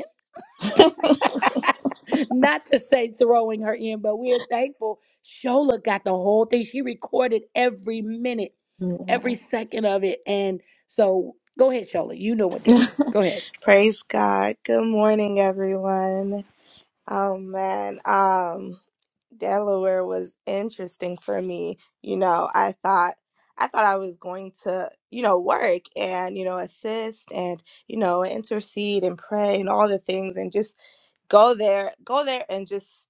Speaker 1: Not to say throwing her in, but we're thankful Shola got the whole thing. She recorded every minute,
Speaker 6: Yeah.
Speaker 1: every second of it. And so go ahead, Shola. You know what to do. Go ahead.
Speaker 6: Praise God. Good morning, everyone. Oh man, um, Delaware was interesting for me. You know, I thought I thought I was going to, you know, work and, you know, assist and, you know, intercede and pray and all the things and just go there, go there and just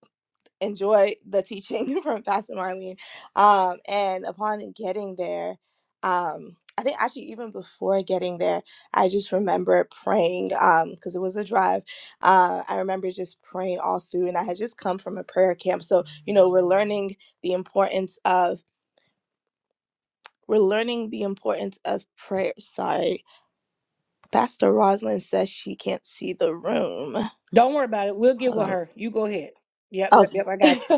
Speaker 6: enjoy the teaching from Pastor Marlene. Um, and upon getting there, um, I think actually even before getting there, I just remember praying because it was a drive. Uh, I remember just praying all through, and I had just come from a prayer camp, so you know we're learning the importance of we're learning the importance of prayer. Sorry, Pastor Rosalind says she can't see the room.
Speaker 1: Don't worry about it. We'll get with
Speaker 6: Hold
Speaker 1: her. You go ahead. Yep, yep,
Speaker 6: on.
Speaker 1: yep. I
Speaker 6: Okay.
Speaker 1: got you.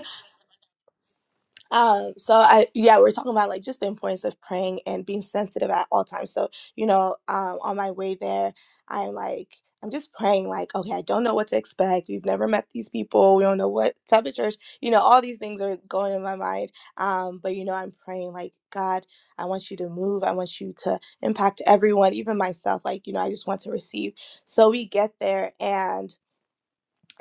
Speaker 6: Um, so I yeah, we're talking about like just the importance of praying and being sensitive at all times. So, you know, um on my way there, I'm like I'm just praying like, okay, I don't know what to expect. We've never met these people. We don't know what type of church. You know, all these things are going in my mind. Um, but you know, I'm praying like, God, I want you to move. I want you to impact everyone, even myself. Like, you know, I just want to receive. So we get there and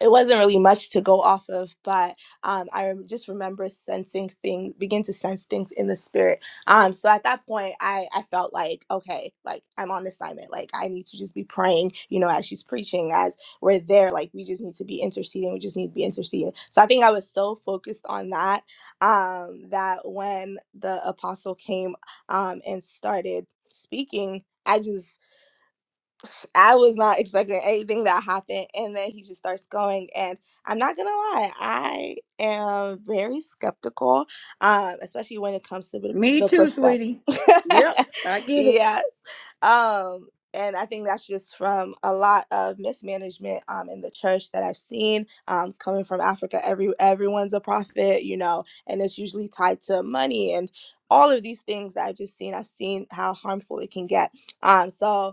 Speaker 6: it wasn't really much to go off of, but um, I rem- just remember sensing things, begin to sense things in the spirit. Um, so at that point, I, I felt like, okay, like I'm on assignment. Like I need to just be praying, you know, as she's preaching, as we're there, like we just need to be interceding. We just need to be interceding. So I think I was so focused on that um, that when the apostle came um, and started speaking, I just I was not expecting anything that happened. And then he just starts going. And I'm not going to lie, I am very skeptical, um, especially when it comes to the
Speaker 1: Me
Speaker 6: the
Speaker 1: too,
Speaker 6: prophetic.
Speaker 1: sweetie. Yep, I get it.
Speaker 6: yes. Um, and I think that's just from a lot of mismanagement um, in the church that I've seen um, coming from Africa. Every everyone's a prophet, you know, and it's usually tied to money and all of these things that I've just seen. I've seen how harmful it can get. Um, so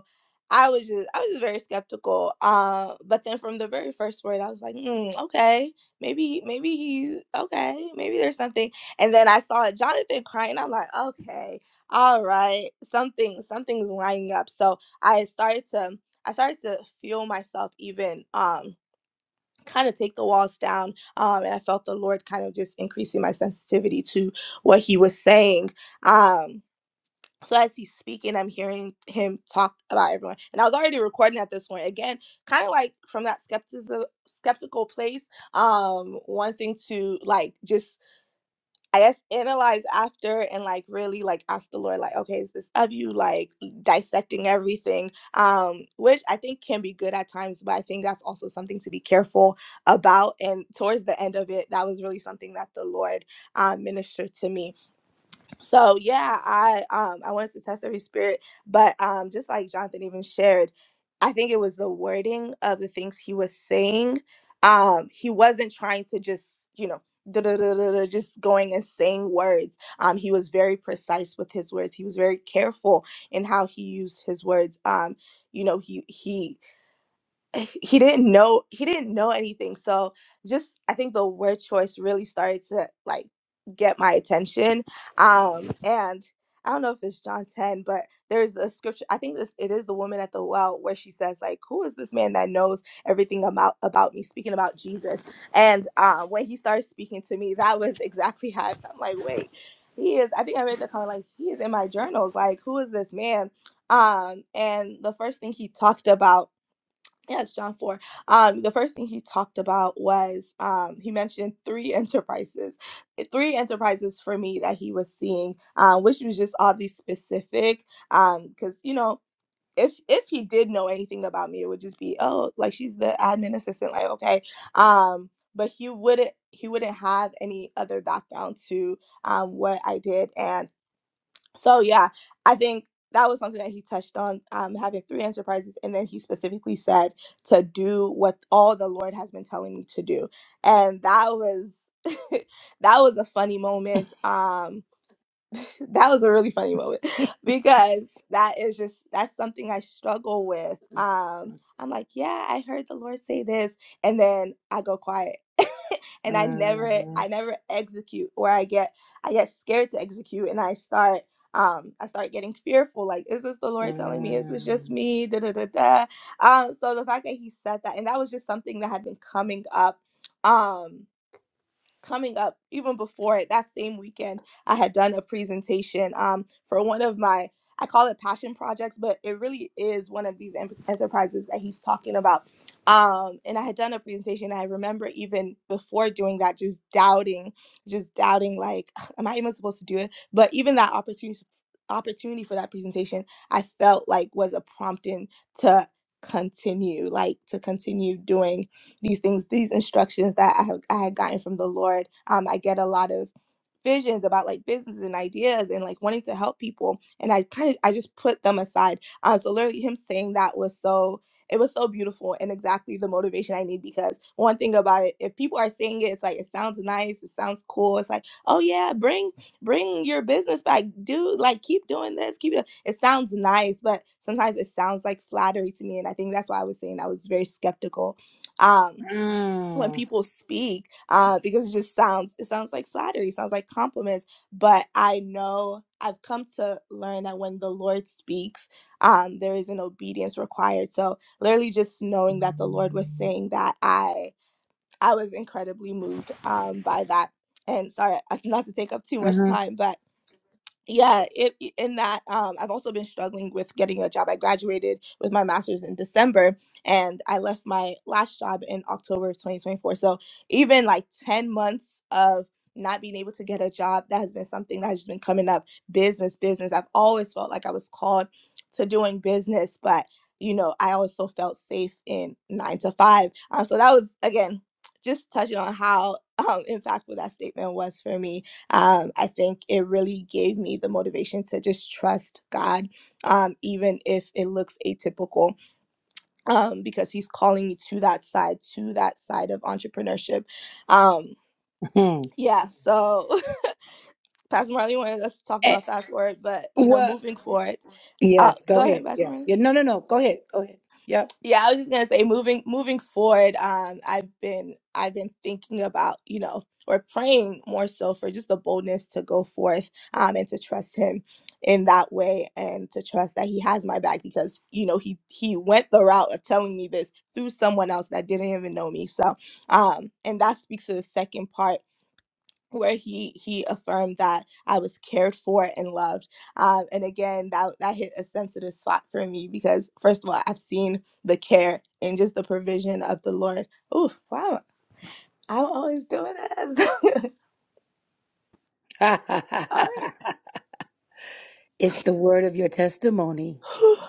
Speaker 6: I was just I was just very skeptical. Uh, but then from the very first word, I was like, mm, okay, maybe maybe he okay, maybe there's something. And then I saw Jonathan crying. I'm like, okay, all right, something something's lining up. So I started to I started to feel myself even um kind of take the walls down um and i felt the lord kind of just increasing my sensitivity to what he was saying Um so as he's speaking, I'm hearing him talk about everyone, and I was already recording at this point. Again, kind of like from that skepticism, skeptical place, um, wanting to like just I guess analyze after and like really like ask the Lord, like, okay, is this of you? Like dissecting everything, um, which I think can be good at times, but I think that's also something to be careful about. And towards the end of it, that was really something that the Lord uh, ministered to me so yeah, I um I wanted to test every spirit, but um just like Jonathan even shared, I think it was the wording of the things he was saying. Um he wasn't trying to just, you know, duh, duh, duh, duh, duh, just going and saying words. Um he was very precise with his words. He was very careful in how he used his words. Um you know, he he eh, he didn't know he didn't know anything so just i think the word choice really started to like get my attention um and i don't know if it's john 10 but there's a scripture i think this it is the woman at the well where she says like who is this man that knows everything about about me speaking about jesus and uh when he started speaking to me that was exactly how I felt. i'm like wait he is i think i made the comment like he is in my journals like who is this man um and the first thing he talked about Yes, John 4. Um, the first thing he talked about was um, he mentioned three enterprises, eh, three enterprises for me that he was seeing, uh, which was just oddly specific. Um, because you know, if if he did know anything about me, it would just be oh, like she's the admin assistant, like okay. Um, but he wouldn't he wouldn't have any other background to um what I did, so yeah, I think that was something that he touched on, um, having three enterprises, and then he specifically said to do what all the Lord has been telling me to do, and that was that was a funny moment. Um, that was a really funny moment because that is just that's something I struggle with. Um, I'm like, yeah, I heard the Lord say this, and then I go quiet, and I never, I never execute, or I get, I get scared to execute, and I start, um, I start getting fearful. Like, is this the Lord telling me? Is this just me? Da da da da. Um, so the fact that He said that, and that was just something that had been coming up. Um, coming up even before it that same weekend i had done a presentation um, for one of my i call it passion projects but it really is one of these em- enterprises that he's talking about um, and i had done a presentation i remember even before doing that just doubting just doubting like "Ugh, am i even supposed to do it but even that opportunity opportunity for that presentation i felt like was a prompting to continue like to continue doing these things, these instructions that I have I had gotten from the Lord. Um, I get a lot of visions about like business and ideas and like wanting to help people, and I kind of I just put them aside. Uh, so literally, him saying that was so it was so beautiful and exactly the motivation I need because one thing about it, if people are saying it, it's like it sounds nice, it sounds cool. It's like, oh yeah, bring bring your business back, do like keep doing this, keep it. It sounds nice, but sometimes it sounds like flattery to me, and I think that's why I was saying I was very skeptical. Um, when
Speaker 1: Mm.
Speaker 6: people speak uh, because it just sounds it sounds like flattery sounds like compliments but i know i've come to learn that when the lord speaks um, there is an obedience required so literally just knowing that the lord was saying that i i was incredibly moved um, by that and sorry uh, not to take up too much
Speaker 1: hmm
Speaker 6: time but yeah it, in that um, i've also been struggling with getting a job i graduated with my master's in december and i left my last job in october of 2024 so even like 10 months of not being able to get a job that has been something that has just been coming up business business i've always felt like i was called to doing business but you know i also felt safe in nine to five um, so that was again just touching on how um, impactful that statement was for me um, I think it really gave me the motivation to just trust God, um, even if it looks atypical, um, because He's calling me to that side, to that side of entrepreneurship. Um, yeah, so Pastor Marley wanted us to talk
Speaker 1: Eh,
Speaker 6: about fast forward, but you know,
Speaker 1: Well,
Speaker 6: moving forward. Uh,
Speaker 1: yes, go
Speaker 6: go
Speaker 1: ahead.
Speaker 6: ahead, Pastor
Speaker 1: Yes.
Speaker 6: Marley.
Speaker 1: Yeah, no, no, no. Go ahead. Go ahead. Yep.
Speaker 6: Yeah, I was just gonna say moving moving forward, um, I've been I've been thinking about, you know, or praying more so for just the boldness to go forth um and to trust him in that way and to trust that he has my back because, you know, he he went the route of telling me this through someone else that didn't even know me. So um and that speaks to the second part where he he affirmed that I was cared for and loved. Um, and again, that that hit a sensitive spot for me because first of all, I've seen the care and just the provision of the Lord. Ooh, wow! I'm always doing this.
Speaker 1: it's the word of your testimony.
Speaker 6: Sorry.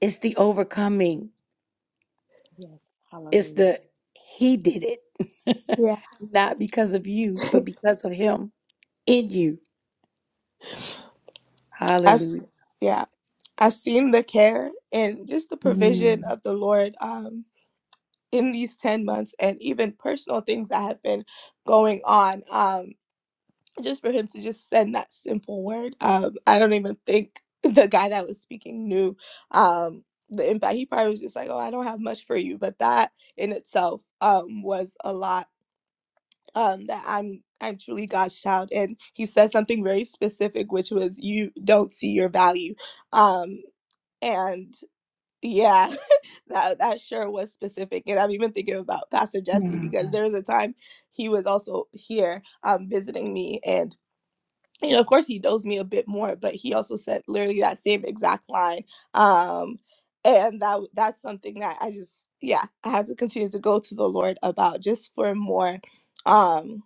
Speaker 1: It's the overcoming.
Speaker 5: Yes.
Speaker 1: It's
Speaker 5: Hallelujah.
Speaker 1: the he did it.
Speaker 6: yeah,
Speaker 1: Not because of you, but because of him in you.
Speaker 6: I've s-
Speaker 1: Hallelujah.
Speaker 6: yeah I've seen the care and just the provision
Speaker 1: Mm.
Speaker 6: of the Lord. Um, in these 10 months and even personal things that have been going on Um, just for him to just send that simple word. Um, I don't even think the guy that was speaking knew um, the impact. He probably was just like, "Oh, I don't have much for you," but that in itself um, was a lot. Um, that I'm I'm truly God's child, and He said something very specific, which was, "You don't see your value," um, and yeah. That, that sure was specific and i'm even thinking about pastor jesse because there was a time he was also here um, visiting me and you know, of course, he knows me a bit more, but he also said literally that same exact line. Um, and that that's something that I just, yeah, I have to continue to go to the Lord about just for more, um,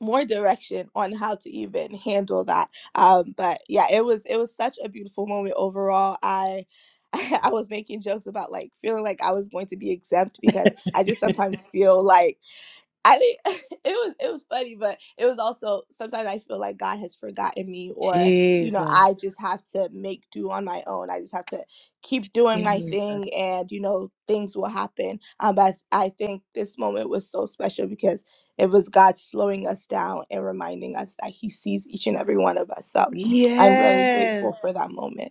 Speaker 6: more direction on how to even handle that. Um, but yeah, it was it was such a beautiful moment overall. I. I was making jokes about like feeling like I was going to be exempt because I just sometimes feel like I think it was it was funny, but it was also sometimes I feel like God has forgotten me, or you know,
Speaker 1: Jesus.
Speaker 6: I just have to make do on my own. I just have to keep doing my
Speaker 1: Jesus.
Speaker 6: thing, and you know, things will happen. Um, but I, I think this moment was so special because it was God slowing us down and reminding us that He sees each and every one of us. So I'm very
Speaker 1: Yes.
Speaker 6: grateful for that moment.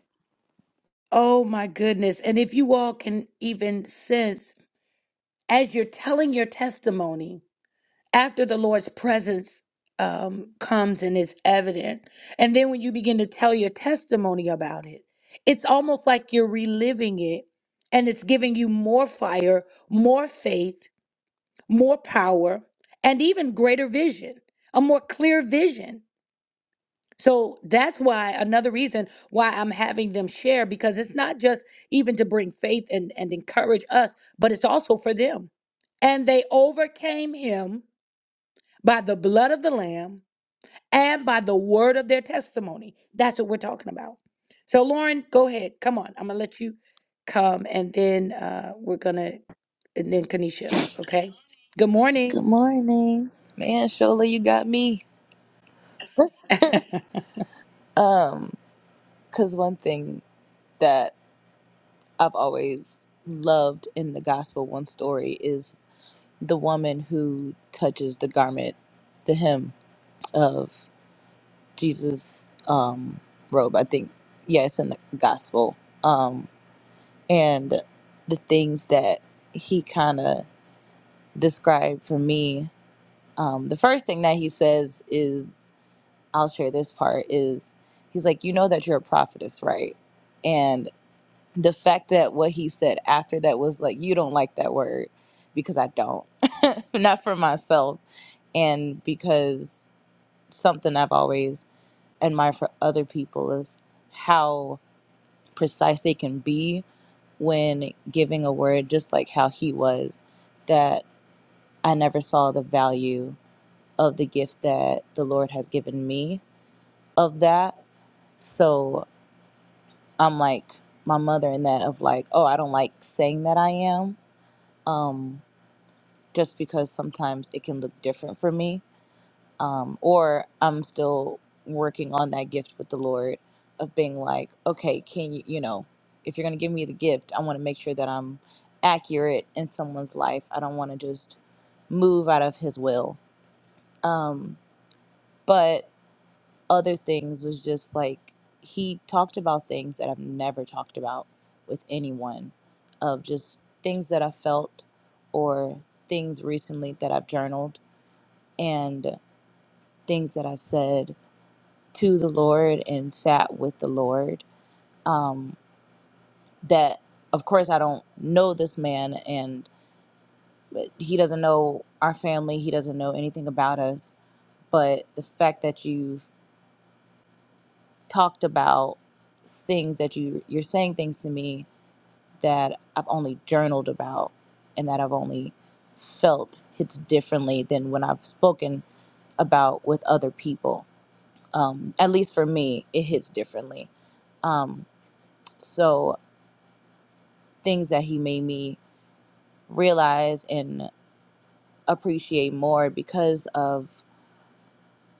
Speaker 1: Oh my goodness. And if you all can even sense as you're telling your testimony, after the Lord's presence um, comes and is evident, and then when you begin to tell your testimony about it, it's almost like you're reliving it and it's giving you more fire, more faith, more power, and even greater vision, a more clear vision. So that's why another reason why I'm having them share because it's not just even to bring faith and, and encourage us, but it's also for them. And they overcame him by the blood of the Lamb and by the word of their testimony. That's what we're talking about. So, Lauren, go ahead. Come on. I'm going to let you come and then uh, we're going to, and then Kanisha, okay? Good morning.
Speaker 7: Good morning. Man, Shola, you got me. Um, cause one thing that I've always loved in the gospel one story is the woman who touches the garment, the hem of Jesus um robe. I think yeah, it's in the gospel. Um and the things that he kinda described for me. Um, the first thing that he says is I'll share this part is he's like, You know that you're a prophetess, right? And the fact that what he said after that was like, You don't like that word because I don't, not for myself. And because something I've always admired for other people is how precise they can be when giving a word, just like how he was, that I never saw the value of the gift that the Lord has given me of that. So. I'm like my mother in that of like, oh, I don't like saying that I am, um, just because sometimes it can look different for me. Um, or I'm still working on that gift with the Lord of being like, okay, can you, you know, if you're going to give me the gift, I want to make sure that I'm accurate in someone's life. I don't want to just move out of His will. Um, but other things was just like he talked about things that I've never talked about with anyone of just things that I felt or things recently that I've journaled and things that I said to the Lord and sat with the Lord. Um, that, of course, I don't know this man and he doesn't know our family, he doesn't know anything about us, but the fact that you've talked about things that you you're saying things to me that I've only journaled about and that I've only felt hits differently than when I've spoken about with other people. Um, at least for me, it hits differently. Um, so things that he made me realize and appreciate more because of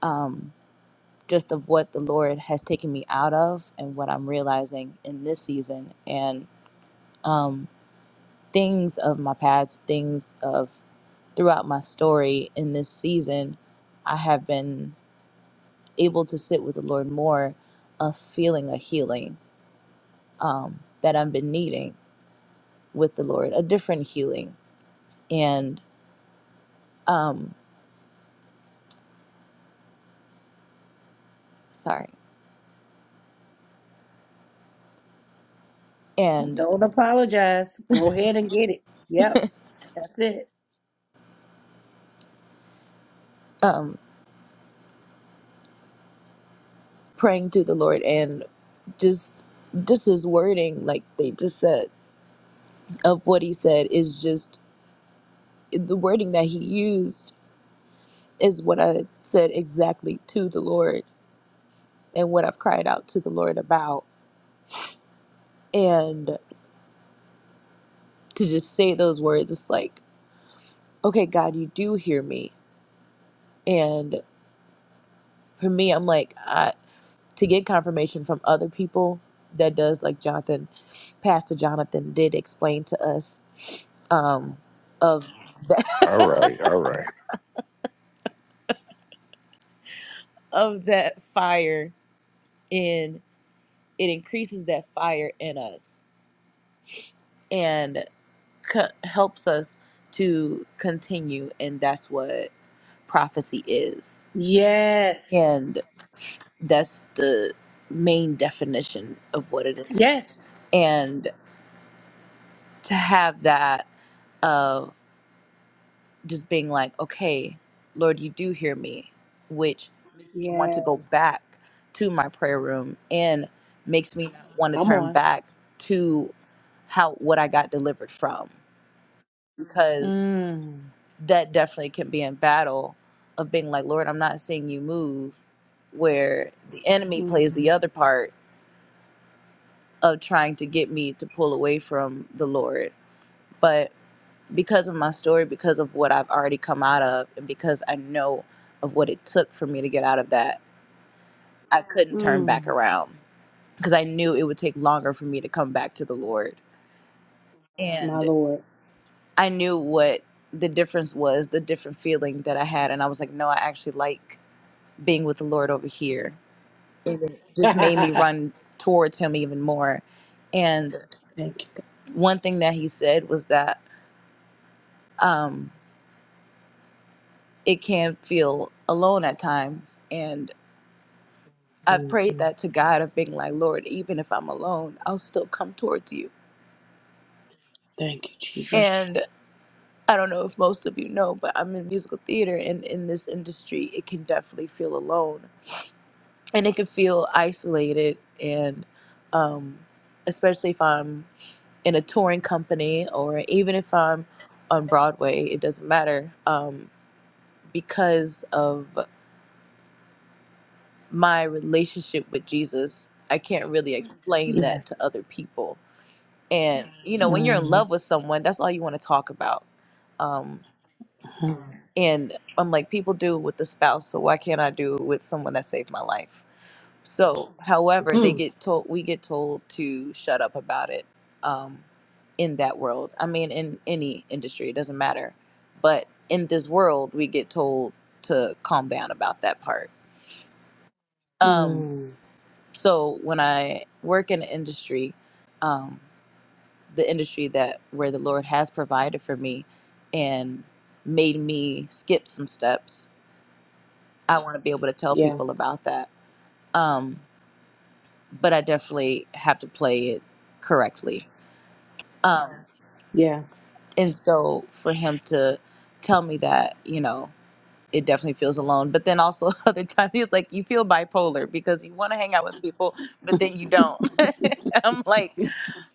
Speaker 7: um, just of what the Lord has taken me out of and what I'm realizing in this season and um, things of my past, things of throughout my story in this season, I have been able to sit with the Lord more of feeling a healing um, that I've been needing with the Lord, a different healing. And, um, sorry, and
Speaker 1: Don't apologize. Go ahead and get it. Yep. That's it.
Speaker 7: um, praying to the Lord and just, just his wording, like they just said, of what he said is just the wording that he used is what I said exactly to the Lord and what I've cried out to the Lord about. and. to just say those words it's like okay god you do hear me and for me i'm like I, to get confirmation from other people that does like jonathan pastor jonathan did explain to us um of that
Speaker 3: All right, all right.
Speaker 7: of that fire in it increases that fire in us and co- helps us to continue and that's what prophecy is
Speaker 1: Yes.
Speaker 7: that's the main definition of what it is
Speaker 1: Yes.
Speaker 7: and to have that of just being like okay lord you do hear me which makes me want to
Speaker 1: Yes.
Speaker 7: go back to my prayer room and makes me want to
Speaker 1: Come
Speaker 7: turn
Speaker 1: on.
Speaker 7: back to how what i got delivered from because
Speaker 1: Mm.
Speaker 7: that definitely can be in battle of being like lord i'm not seeing you move where the enemy plays the
Speaker 1: Mm.
Speaker 7: other part of trying to get me to pull away from the Lord. But because of my story, because of what I've already come out of, and because I know of what it took for me to get out of that, I couldn't turn back
Speaker 1: Mm.
Speaker 7: around because I knew it would take longer for me to come back to the Lord.
Speaker 1: My
Speaker 7: And
Speaker 1: Lord.
Speaker 7: I knew what the difference was, the different feeling that I had. And I was like, no, I actually like being with the Lord over here. It just made me
Speaker 1: Thank
Speaker 7: run towards Him even more. And
Speaker 1: you.
Speaker 7: one thing that He said was that. Um, it can feel alone at times. And I've prayed that to God of being like, Lord, even if I'm alone, I'll still come towards you. And I don't know if most of you know, but I'm in musical theater and in this industry, it can definitely feel alone and it can feel isolated. And um, especially if I'm in a touring company or even if I'm on Broadway, it doesn't matter um, because of. my relationship with Jesus, I can't really explain
Speaker 1: Yeah.
Speaker 7: that to other people. And you know, when you're in
Speaker 1: Mm-hmm.
Speaker 7: love with someone, that's all you want to talk about. Um, and I'm like, people do it with the spouse, so why can't I do it with someone that saved my life? So, however, they
Speaker 1: Mm.
Speaker 7: get told we get told to shut up about it. Um, in that world, I mean, in any industry, it doesn't matter. But in this world, we get told to calm down about that part Um,
Speaker 1: Mm.
Speaker 7: so when I work in an industry, um, the industry that where the Lord has provided for me and made me skip some steps, I want to be able to tell
Speaker 1: Yeah.
Speaker 7: people about that. Um, but I definitely have to play it correctly. Um,
Speaker 1: Yeah.
Speaker 7: and so for him to tell me that, you know, it definitely feels alone. But then also other times he's like, you feel bipolar because you want to hang out with people, but then you don't. I'm like,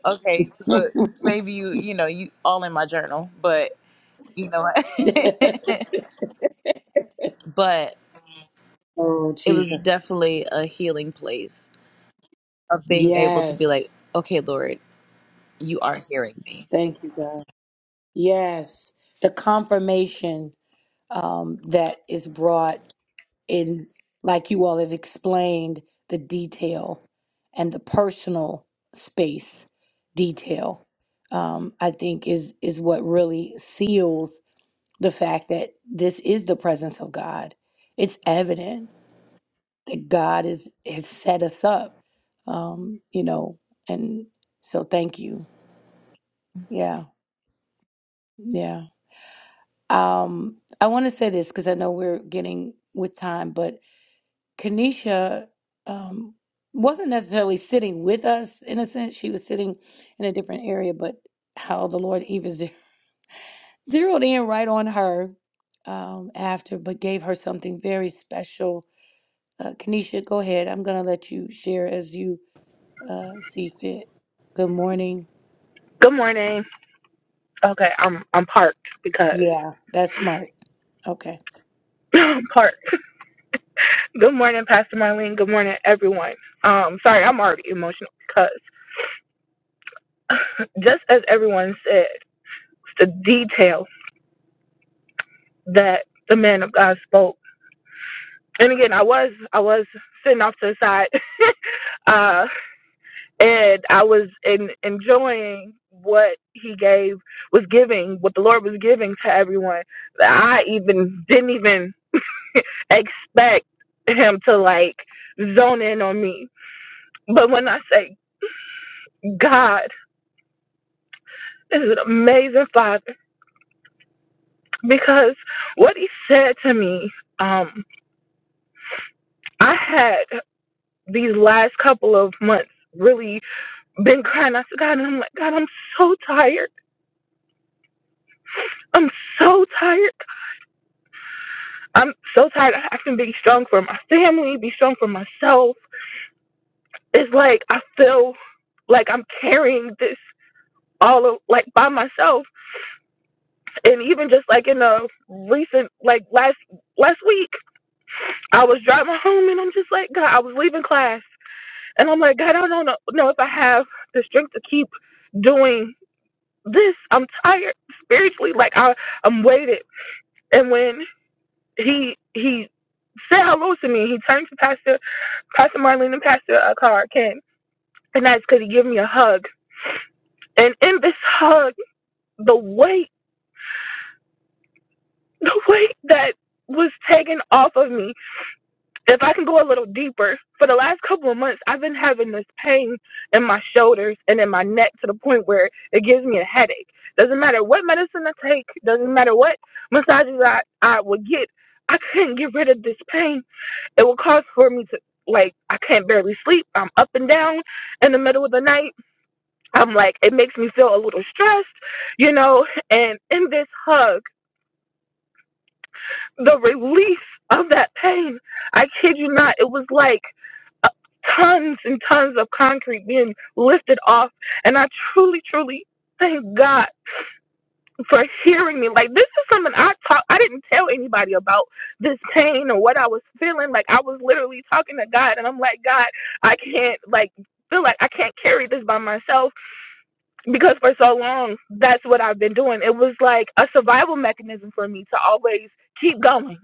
Speaker 7: Okay, so uh, maybe you, you know, you all in my journal, but you know what? but
Speaker 1: Oh,
Speaker 7: it was
Speaker 1: Jesus.
Speaker 7: definitely a healing place of being able to be
Speaker 1: Yes.
Speaker 7: like, okay, Lord, you are hearing me.
Speaker 1: Thank you, God. Yes. The confirmation um, that is brought in, like you all have explained, the detail and the personal space detail, um, I think is, is what really seals the fact that this is the presence of God. It's evident that God is, has set us up, um, you know, and so thank you. Yeah, yeah. Um, I want to say this because I know we're getting with time, but Kanisha um, wasn't necessarily sitting with us in a sense. She was sitting in a different area, but how the Lord even zer- zeroed in right on her um, after, but gave her something very special. Uh, Kanisha, go ahead. I'm going to let you share as you uh, see fit. Good morning.
Speaker 2: Good morning. Okay, I'm I'm parked because
Speaker 1: Yeah, that's smart. Okay.
Speaker 2: I'm parked. Good morning, Pastor Marlene. Good morning, everyone. Um, sorry, I'm already emotional because just as everyone said, the detail that the man of God spoke. And again, I was I was sitting off to the side, uh, and I was in, enjoying what he gave was giving, what the Lord was giving to everyone. That I even didn't even. expect him to like zone in on me. But when I say God is an amazing father because what he said to me, um, I had these last couple of months really been crying out to God and I'm like, God, I'm so tired. I'm so tired. I'm so tired of having to be strong for my family, be strong for myself. It's like I feel like I'm carrying this all of, like by myself and even just like in the recent like last last week i was driving home and i'm just like god i was leaving class and i'm like god i don't know, know if i have the strength to keep doing this i'm tired spiritually like i i'm weighted and when he he said hello to me he turned to pastor pastor marlene and pastor uh, Carr Ken, and that's because he gave me a hug and in this hug the weight the weight that was taken off of me if I can go a little deeper, for the last couple of months, I've been having this pain in my shoulders and in my neck to the point where it gives me a headache. Doesn't matter what medicine I take, doesn't matter what massages I, I would get, I couldn't get rid of this pain. It would cause for me to, like, I can't barely sleep. I'm up and down in the middle of the night. I'm like, it makes me feel a little stressed, you know? And in this hug, the relief of that pain, I kid you not, it was like, uh, tons and tons of concrete being lifted off. And I truly, truly thank God for hearing me. Like this is something I talk I didn't tell anybody about this pain or what I was feeling. Like I was literally talking to God and I'm like, God, I can't like feel like I can't carry this by myself because for so long that's what I've been doing. It was like a survival mechanism for me to always keep going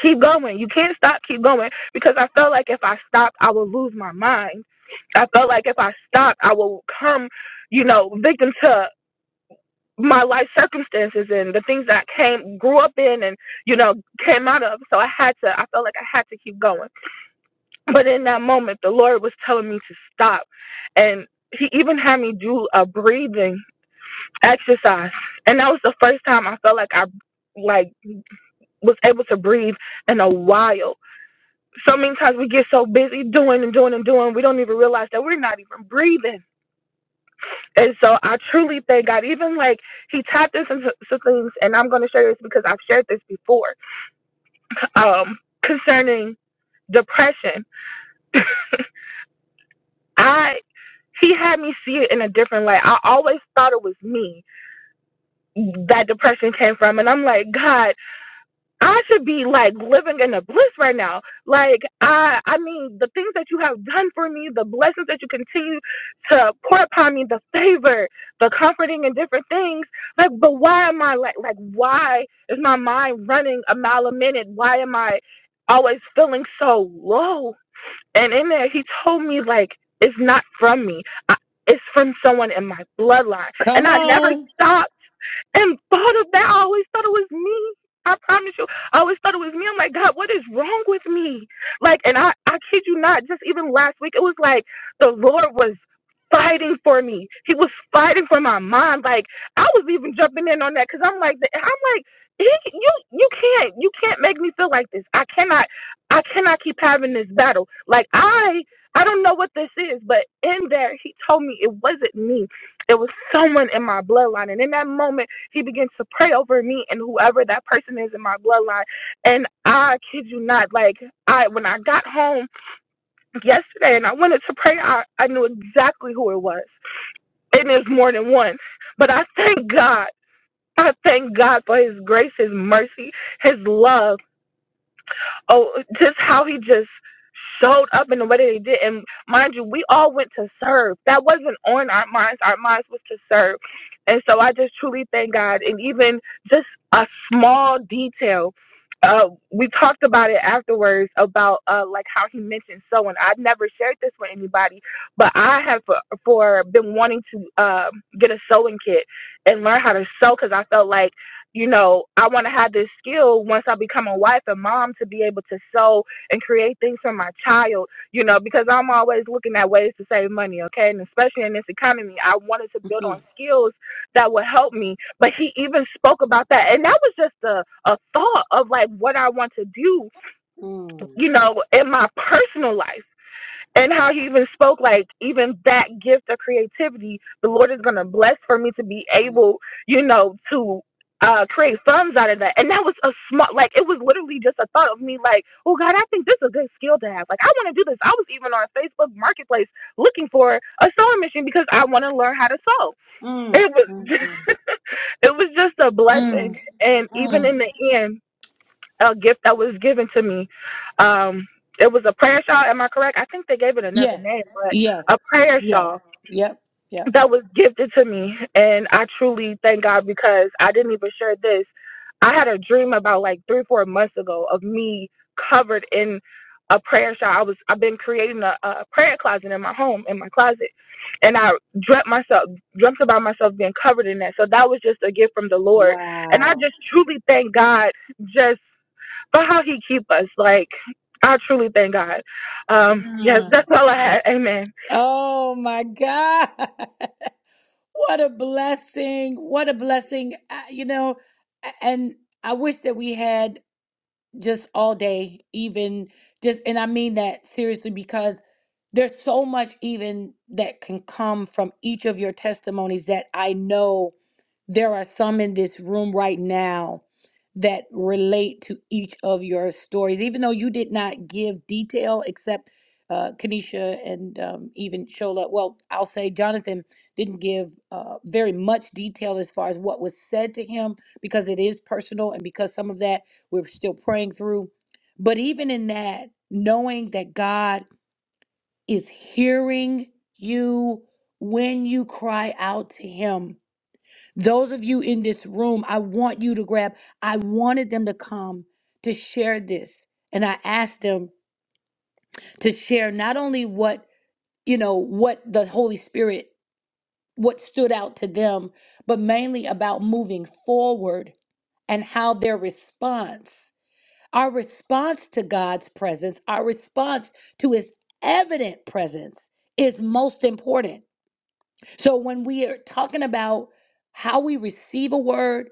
Speaker 2: keep going. You can't stop, keep going. Because I felt like if I stopped, I would lose my mind. I felt like if I stopped, I would come, you know, victim to my life circumstances and the things that I came, grew up in, and you know, came out of. So I had to. I felt like I had to keep going. But in that moment, the Lord was telling me to stop, and He even had me do a breathing exercise, and that was the first time I felt like I like was able to breathe in a while so many times we get so busy doing and doing and doing, we don't even realize that we're not even breathing. And so I truly thank God. Even like He tapped us into some things, and I'm going to share this because I've shared this before um, concerning depression. I He had me see it in a different light. I always thought it was me that depression came from, and I'm like God. I should be like living in a bliss right now. Like I I mean the things that you have done for me, the blessings that you continue to pour upon me, the favor, the comforting and different things. Like but why am I like like why is my mind running a mile a minute? Why am I always feeling so low? And in there he told me like it's not from me. I, it's from someone in my bloodline. And
Speaker 1: Come
Speaker 2: I never
Speaker 1: on.
Speaker 2: stopped and thought of that. I always thought it was me. I promise you. I always thought it was me. I'm like, God, what is wrong with me? Like, and I, I kid you not, just even last week, it was like the Lord was fighting for me. He was fighting for my mind. Like, I was even jumping in on that because I'm like, I'm like, he, you, you can't, you can't make me feel like this. I cannot, I cannot keep having this battle. Like, I, I don't know what this is, but in there, he told me it wasn't me. It was someone in my bloodline. And in that moment, he begins to pray over me and whoever that person is in my bloodline. And I kid you not, like I when I got home yesterday and I wanted to pray, I, I knew exactly who it was. And it's more than one. But I thank God. I thank God for his grace, his mercy, his love oh, just how he just showed up in the way that he did. And mind you, we all went to serve. That wasn't on our minds. Our minds was to serve. And so I just truly thank God. And even just a small detail. Uh, we talked about it afterwards about uh, like how he mentioned sewing. I've never shared this with anybody, but I have for, for been wanting to um, get a sewing kit and learn how to sew because I felt like you know, I want to have this skill once I become a wife and mom to be able to sew and create things for my child, you know, because I'm always looking at ways to save money, okay? And especially in this economy, I wanted to build on skills that would help me. But he even spoke about that. And that was just a, a thought of like what I want to do, you know, in my personal life and how you even spoke like even that gift of creativity the lord is going to bless for me to be able you know to uh create funds out of that and that was a small like it was literally just a thought of me like oh god i think this is a good skill to have like i want to do this i was even on facebook marketplace looking for a sewing machine because i want to learn how to sew
Speaker 1: Mm,
Speaker 2: it was
Speaker 1: mm,
Speaker 2: it was just a
Speaker 1: mm.
Speaker 2: blessing and even
Speaker 1: Mm.
Speaker 2: in the end a gift that was given to me. Um, it was a prayer shawl. Am I correct? I think they gave it another name,
Speaker 1: Yes. Yes.
Speaker 2: but a prayer
Speaker 1: Yes.
Speaker 2: shawl
Speaker 1: Yep. Yep.
Speaker 2: that was gifted to me, and I truly thank God because I didn't even share this. I had a dream about like three, four months ago of me covered in a prayer shawl. I was I've been creating a, a prayer closet in my home, in my closet, and I dreamt myself dreamt about myself being covered in that. So that was just a gift from the Lord, and I
Speaker 1: Wow.
Speaker 2: just truly thank God just but how he keep us. Like I truly thank God. Um, yes,
Speaker 1: Mm.
Speaker 2: that's all I had. Amen.
Speaker 1: Oh my God. What a blessing. What a blessing. I, you know, a- and I wish that we had just all day, even just, and I mean that seriously because there's so much even that can come from each of your testimonies that I know There are some in this room right now that relate to each of your stories, even though you did not give detail except uh, Kenesha and um, even Shola. Well, I'll say Jonathan didn't give uh, very much detail as far as what was said to him because it is personal and because some of that we're still praying through. But even in that, knowing that God is hearing you when you cry out to Him those of you in this room, I want you to grab, I wanted them to come to share this. And I asked them to share not only what, you know, what the Holy Spirit, what stood out to them, but mainly about moving forward and how their response, our response to God's presence, our response to his evident presence is most important. So when we are talking about how we receive a word,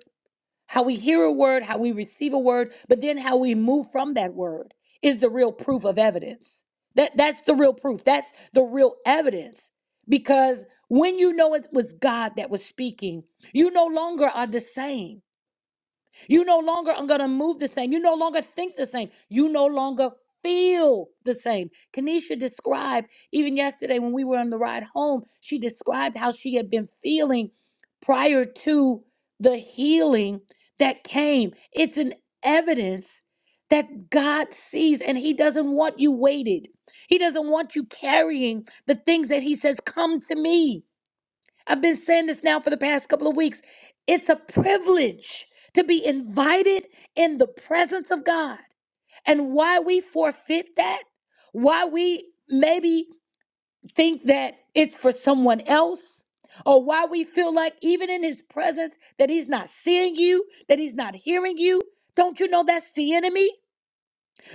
Speaker 1: How we hear a word, how we receive a word, but then how we move from that word is the real proof of evidence. That that's the real proof. That's the real evidence. Because when you know it was God that was speaking, you no longer are the same. You no longer are going to move the same. You no longer think the same. You no longer feel the same. Kanisha described, even yesterday when we were on the ride home, she described how she had been feeling prior to the healing that came. It's an evidence that God sees and He doesn't want you weighted. He doesn't want you carrying the things that He says, Come to me. I've been saying this now for the past couple of weeks. It's a privilege to be invited in the presence of God. And why we forfeit that, why we maybe think that it's for someone else, or why we feel like even in his presence that he's not seeing you, that he's not hearing you. Don't you know that's the enemy?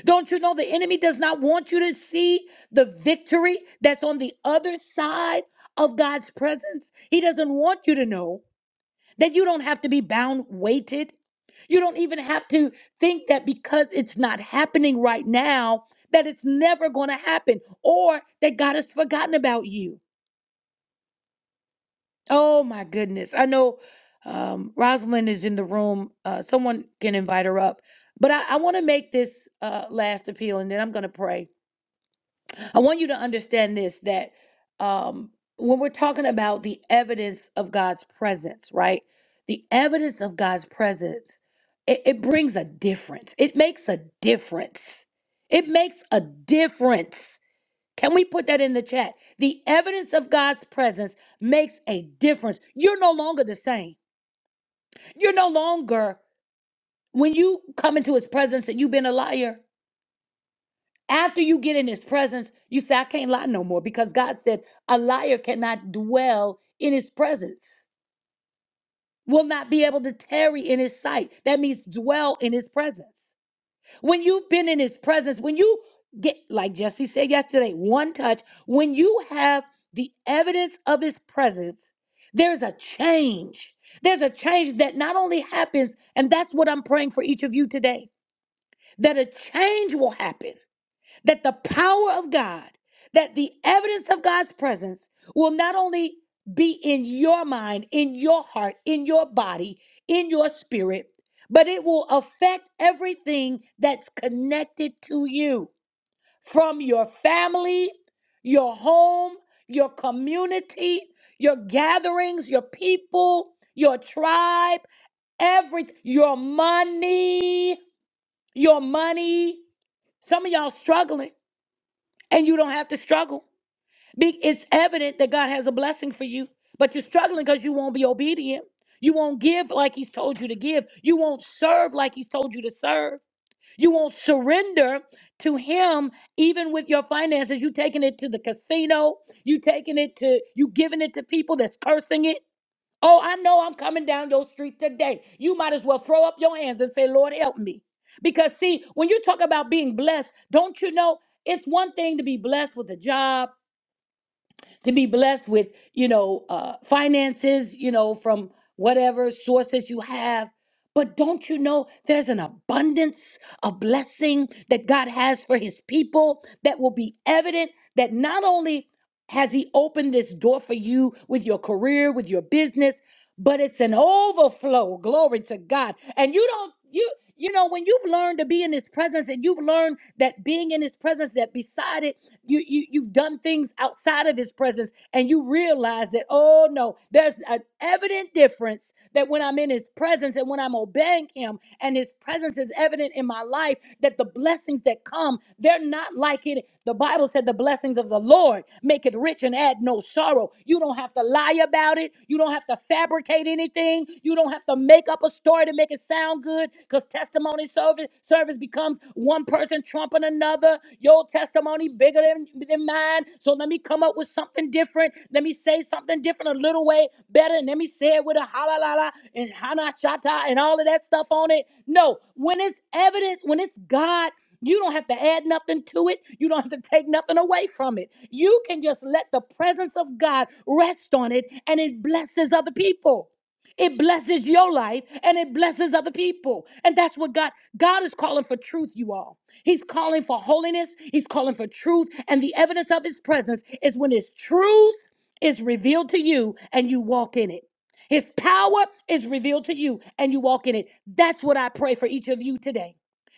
Speaker 1: Don't you know the enemy does not want you to see the victory that's on the other side of God's presence? He doesn't want you to know that you don't have to be bound, weighted. You don't even have to think that because it's not happening right now, that it's never going to happen or that God has forgotten about you. Oh my goodness. I know um, Rosalind is in the room. Uh, someone can invite her up. But I, I want to make this uh, last appeal and then I'm going to pray. I want you to understand this that um, when we're talking about the evidence of God's presence, right? The evidence of God's presence, it, it brings a difference. It makes a difference. It makes a difference. Can we put that in the chat? The evidence of God's presence makes a difference. You're no longer the same. You're no longer, when you come into his presence, that you've been a liar. After you get in his presence, you say, I can't lie no more because God said a liar cannot dwell in his presence, will not be able to tarry in his sight. That means dwell in his presence. When you've been in his presence, when you get, like Jesse said yesterday, one touch, when you have the evidence of his presence, there's a change. There's a change that not only happens, and that's what I'm praying for each of you today, that a change will happen that the power of God, that the evidence of God's presence will not only be in your mind, in your heart, in your body, in your spirit, but it will affect everything that's connected to you from your family, your home, your community, your gatherings, your people, your tribe, every your money, your money. Some of y'all struggling and you don't have to struggle. Be- It's evident that God has a blessing for you, but you're struggling because you won't be obedient. You won't give like He's told you to give. You won't serve like He's told you to serve. You won't surrender to Him, even with your finances. You taking it to the casino. You taking it to you giving it to people that's cursing it. Oh, I know I'm coming down your street today. You might as well throw up your hands and say, Lord, help me. Because, see, when you talk about being blessed, don't you know it's one thing to be blessed with a job, to be blessed with, you know, uh, finances, you know, from whatever sources you have. But don't you know there's an abundance of blessing that God has for his people that will be evident that not only has He opened this door for you with your career, with your business? But it's an overflow. Glory to God. And you don't, you, you know, when you've learned to be in His presence and you've learned that being in His presence, that beside it, you, you you've done things outside of His presence, and you realize that, oh no, there's an evident difference that when I'm in His presence and when when I'm obeying him and his presence is evident in my life, that the blessings that come, they're not like it. The Bible said the blessings of the Lord make it rich and add no sorrow. You don't have to lie about it. You don't have to fabricate anything. You don't have to make up a story to make it sound good because testimony service, service becomes one person trumping another. Your testimony bigger than, than mine. So let me come up with something different. Let me say something different, a little way better. And let me say it with a halalala and hanashata and all of that stuff on it. No, when it's evidence, when it's God, you don't have to add nothing to it. You don't have to take nothing away from it. You can just let the presence of God rest on it and it blesses other people. It blesses your life and it blesses other people. And that's what God God is calling for truth, you all. He's calling for holiness, he's calling for truth, and the evidence of his presence is when his truth is revealed to you and you walk in it. His power is revealed to you and you walk in it. That's what I pray for each of you today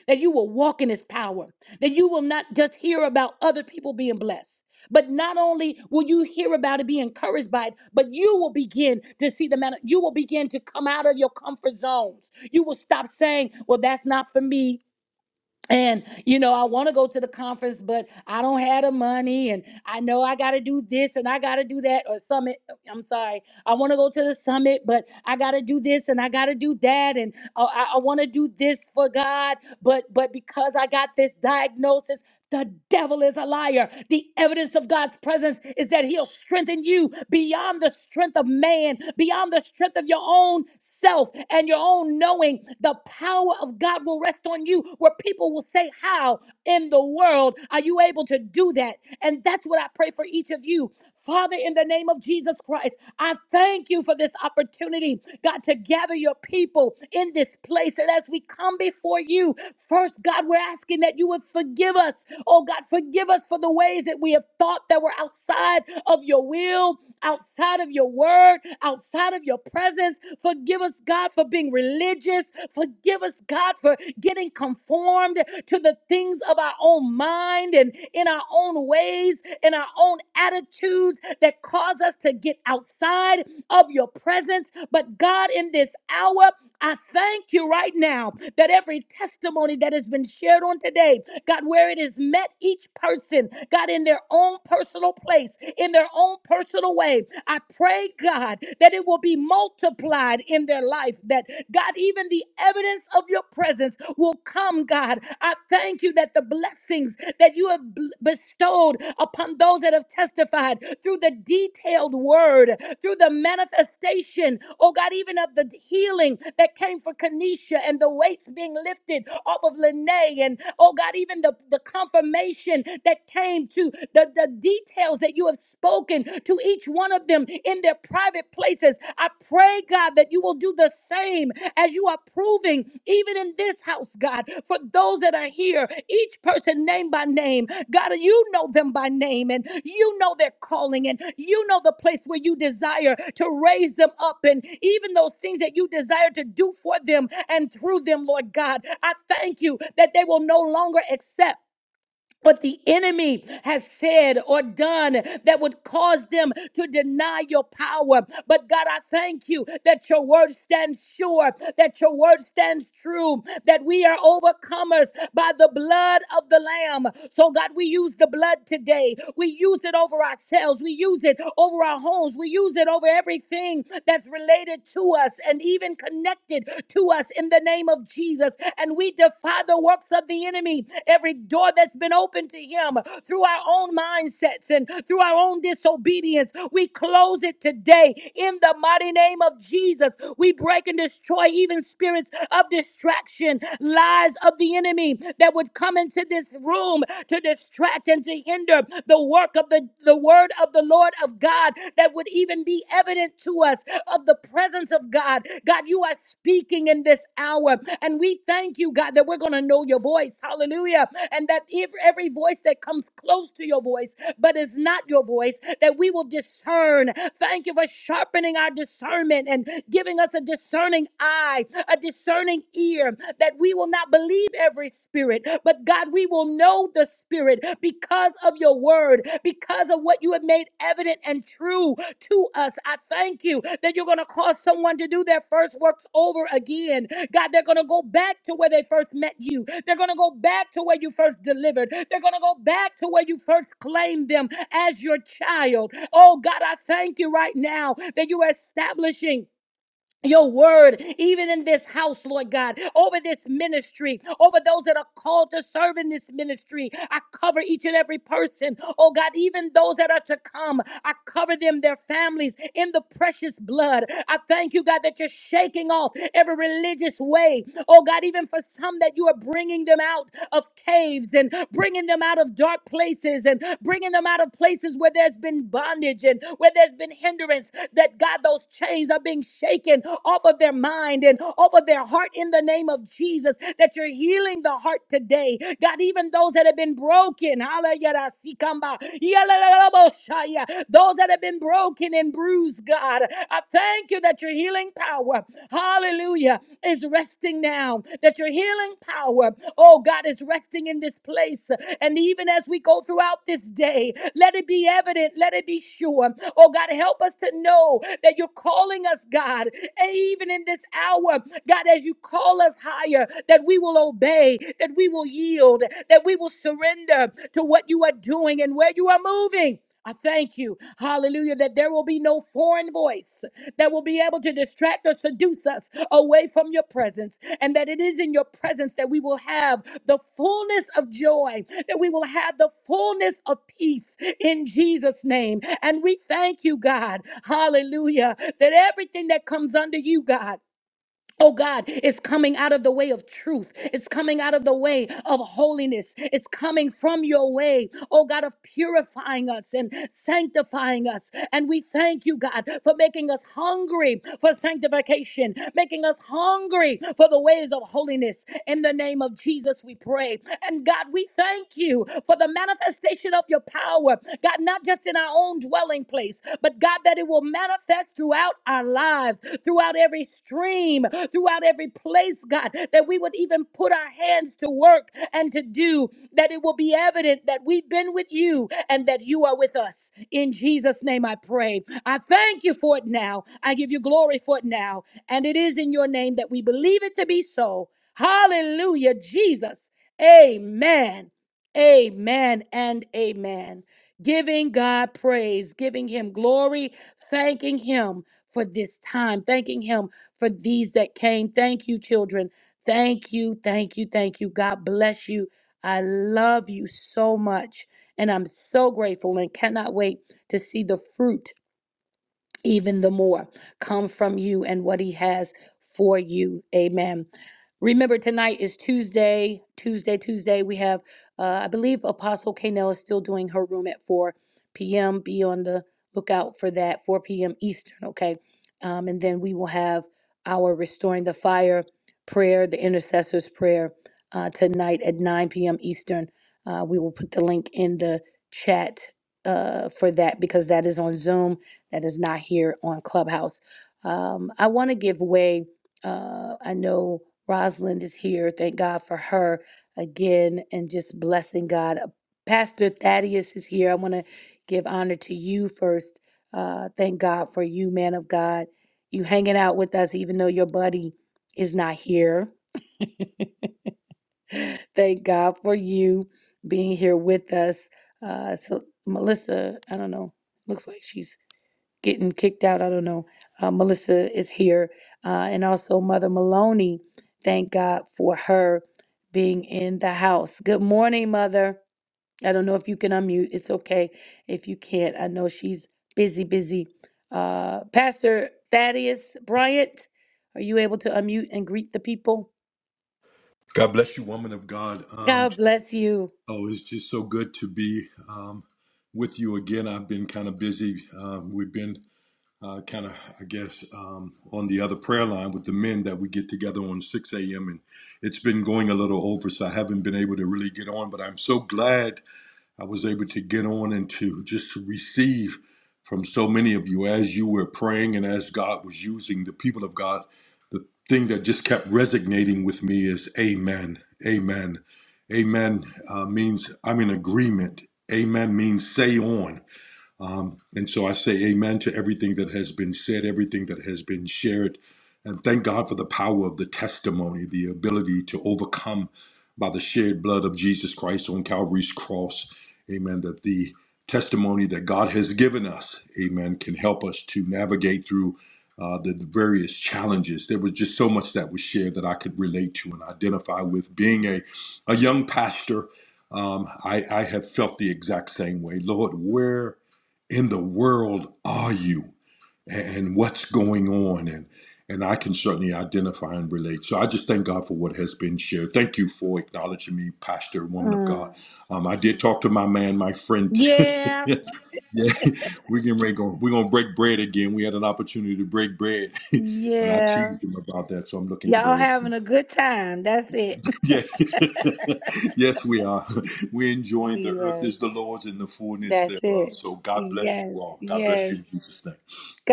Speaker 1: that you will walk in his power, that you will not just hear about other people being blessed, but not only will you hear about it, be encouraged by it, but you will begin to see the man, you will begin to come out of your comfort zones. You will stop saying, Well, that's not for me. And you know, I want to go to the conference, but I don't have the money, and I know I got to do this and I got to do that or summit. I'm sorry. I want to go to the summit, but I got to do this and I got to do that. And uh, I, I want to do this for God, but, but because I got this diagnosis, the devil is a liar. The evidence of God's presence is that he'll strengthen you beyond the strength of man, beyond the strength of your own self and your own knowing. The power of God will rest on you where people will say, How in the world are you able to do that? And that's what I pray for each of you. Father, in the name of Jesus Christ, I thank you for this opportunity, God, to gather your people in this place. And as we come before you, first, God, we're asking that you would forgive us. Oh, God, forgive us for the ways that we have thought that were outside of your will, outside of your word, outside of your presence. Forgive us, God, for being religious. Forgive us, God, for getting conformed to the things of our own mind and in our own ways, in our own attitudes that cause us to get outside of your presence. But God, in this hour, I thank you right now that every testimony that has been shared on today God, where it is met each person, God, in their own personal place, in their own personal way. I pray, God, that it will be multiplied in their life, that God, even the evidence of your presence will come, God. I thank you that the blessings that you have bl- bestowed upon those that have testified through the detailed word, through the manifestation, oh God, even of the healing that came for Kenesha and the weights being lifted off of Lene, and oh God, even the, the confirmation that came to the, the details that you have spoken to each one of them in their private places. I pray, God, that you will do the same name as you are proving, even in this house, God, for those that are here, each person name by name. God, you know them by name and you know their calling and you know the place where you desire to raise them up and even those things that you desire to do for them and through them, Lord God. I thank you that they will no longer accept what the enemy has said or done that would cause them to deny your power. But God, I thank you that your word stands sure, that your word stands true, that we are overcomers by the blood of the Lamb. So, God, we use the blood today. We use it over ourselves, we use it over our homes, we use it over everything that's related to us and even connected to us in the name of Jesus. And we defy the works of the enemy, every door that door that's been open to him through our own mindsets and through our own disobedience. We close it today in the mighty name of Jesus. We break and destroy even spirits of distraction, lies of the enemy that would come into this room to distract and to hinder the work of the, the word of the Lord of God that would even be evident to us of the presence of God. God, you are speaking in this hour, and we thank you, God, that we're going to know your voice. Hallelujah and that if every voice that comes close to your voice but is not your voice, that we will discern. Thank you for sharpening our discernment and giving us a discerning eye, a discerning ear, that we will not believe every spirit, but God, we will know the spirit because of your word, because of what what you have made evident and true to us. I thank you that you're going to cause someone to do their first works over again. God, they're going to go back to where they first met you. They're going to go back to where you first delivered. They're going to go back to where you first claimed them as your child. Oh, God, I thank you right now that you are establishing your word, even in this house, Lord God, over this ministry, over those that are called to serve in this ministry. I cover each and every person, oh God, even those that are to come. I cover them, their families, in the precious blood. I thank you, God, that you're shaking off every religious way, oh God, even for some that you are bringing them out of caves and bringing them out of darkness dark places and bringing them out of places where there's been bondage and where there's been hindrance. That God, those chains are being shaken off of their mind and off of their heart in the name of Jesus. That you're healing the heart today. God, even those that have been broken, hallelujah, sikamba, yalalalaboshaya, those that have been broken and bruised, God, I thank you that your healing power power, hallelujah, is resting now. That your healing power, oh God, is resting in this place. And even as we go throughout this day, let it be evident, let it be sure. Oh God, help us to know that you're calling us, God, and even in this hour, God, as you call us higher, that we will obey, that we will yield, that we will surrender to what you are doing and where you are moving. I thank you, hallelujah, that there will be no foreign voice that will be able to distract or seduce us away from your presence, and that it is in your presence that we will have the fullness of joy, that we will have the fullness of peace in Jesus' name. And we thank you, God, hallelujah, that everything that comes under you, God. Oh God, it's coming out of the way of truth. It's coming out of the way of holiness. It's coming from your way, oh God, of purifying us and sanctifying us. And we thank you, God, for making us hungry for sanctification, making us hungry for the ways of holiness. In the name of Jesus, we pray. And God, we thank you for the manifestation of your power. God, not just in our own dwelling place, but God, that it will manifest throughout our lives, throughout every stream, throughout every place, God, that we would even put our hands to work and to do, that it will be evident that we've been with you and that you are with us. In Jesus' name I pray. I thank you for it now. I give you glory for it now. And it is in your name that we believe it to be so. Hallelujah, Jesus. Amen. Amen and amen giving God praise, giving Him glory, thanking Him for this time, thanking Him for these that came. Thank you, children. Thank you, thank you, thank you. God bless you. I love you so much. And I'm so grateful and cannot wait to see the fruit even the more come from you and what he has for you. Amen. Remember, tonight is Tuesday, Tuesday, Tuesday. We have, uh, I believe, Apostle Kanell is still doing her room at 4 p.m. Be on the lookout for that, 4 p.m. Eastern, okay? Um, and then we will have our Restoring the Fire prayer, the intercessor's prayer, uh, tonight at 9 p.m. Eastern. Uh, we will put the link in the chat uh, for that because that is on Zoom that is not here on Clubhouse. Um, I want to give way. Uh, I know Rosalind is here. Thank God for her again and just blessing God. Uh, Pastor Thaddeus is here. I want to give honor to you first. Uh, thank God for you, man of God. You hanging out with us, even though your buddy is not here. Thank God for you being here with us. Uh, so, Melissa, I don't know, looks like she's getting kicked out. I don't know. Uh, Melissa is here. Uh, and also Mother Maloney. Thank God for her being in the house. Good morning, Mother. I don't know if you can unmute. It's okay if you can't. I know she's busy, busy. Uh, Pastor Thaddeus Bryant, are you able to unmute and greet the people?
Speaker 8: God bless you, woman of God. Um,
Speaker 1: God bless you.
Speaker 8: oh, it's just so good to be um, with you again. I've been kind of busy. Um, we've been uh, kind of, I guess, um, on the other prayer line with the men that we get together on 6 a.m. And it's been going a little over, so I haven't been able to really get on. But I'm so glad I was able to get on and to just receive from so many of you as you were praying and as God was using the people of God. The thing that just kept resonating with me is Amen. Amen. Amen uh, means I'm in agreement. Amen means say on. Um, and so I say amen to everything that has been said, everything that has been shared. And thank God for the power of the testimony, the ability to overcome by the shed blood of Jesus Christ on Calvary's cross. Amen. That the testimony that God has given us, amen, can help us to navigate through uh, the, the various challenges. There was just so much that was shared that I could relate to and identify with. Being a, a young pastor, um, I, I have felt the exact same way. Lord, where in the world are you and what's going on and and I can certainly identify and relate. So I just thank God for what has been shared. Thank you for acknowledging me, Pastor, woman of God.
Speaker 1: Mm.
Speaker 8: Um, I did talk to my man, my friend.
Speaker 1: Yeah,
Speaker 8: yeah, we're getting ready. Go, we're gonna break bread again. We had an opportunity to break bread, and I
Speaker 1: yeah.
Speaker 8: teased him about that. So I'm looking
Speaker 1: Y'all
Speaker 8: forward.
Speaker 1: having a good time. That's it.
Speaker 8: Yeah. yes, we are. We're enjoying the earth
Speaker 1: Yes.
Speaker 8: is the Lord's and the fullness
Speaker 1: That's
Speaker 8: thereof.
Speaker 1: it.
Speaker 8: So God bless
Speaker 1: Yes,
Speaker 8: you all. God bless
Speaker 1: yes.
Speaker 8: you in Jesus' name.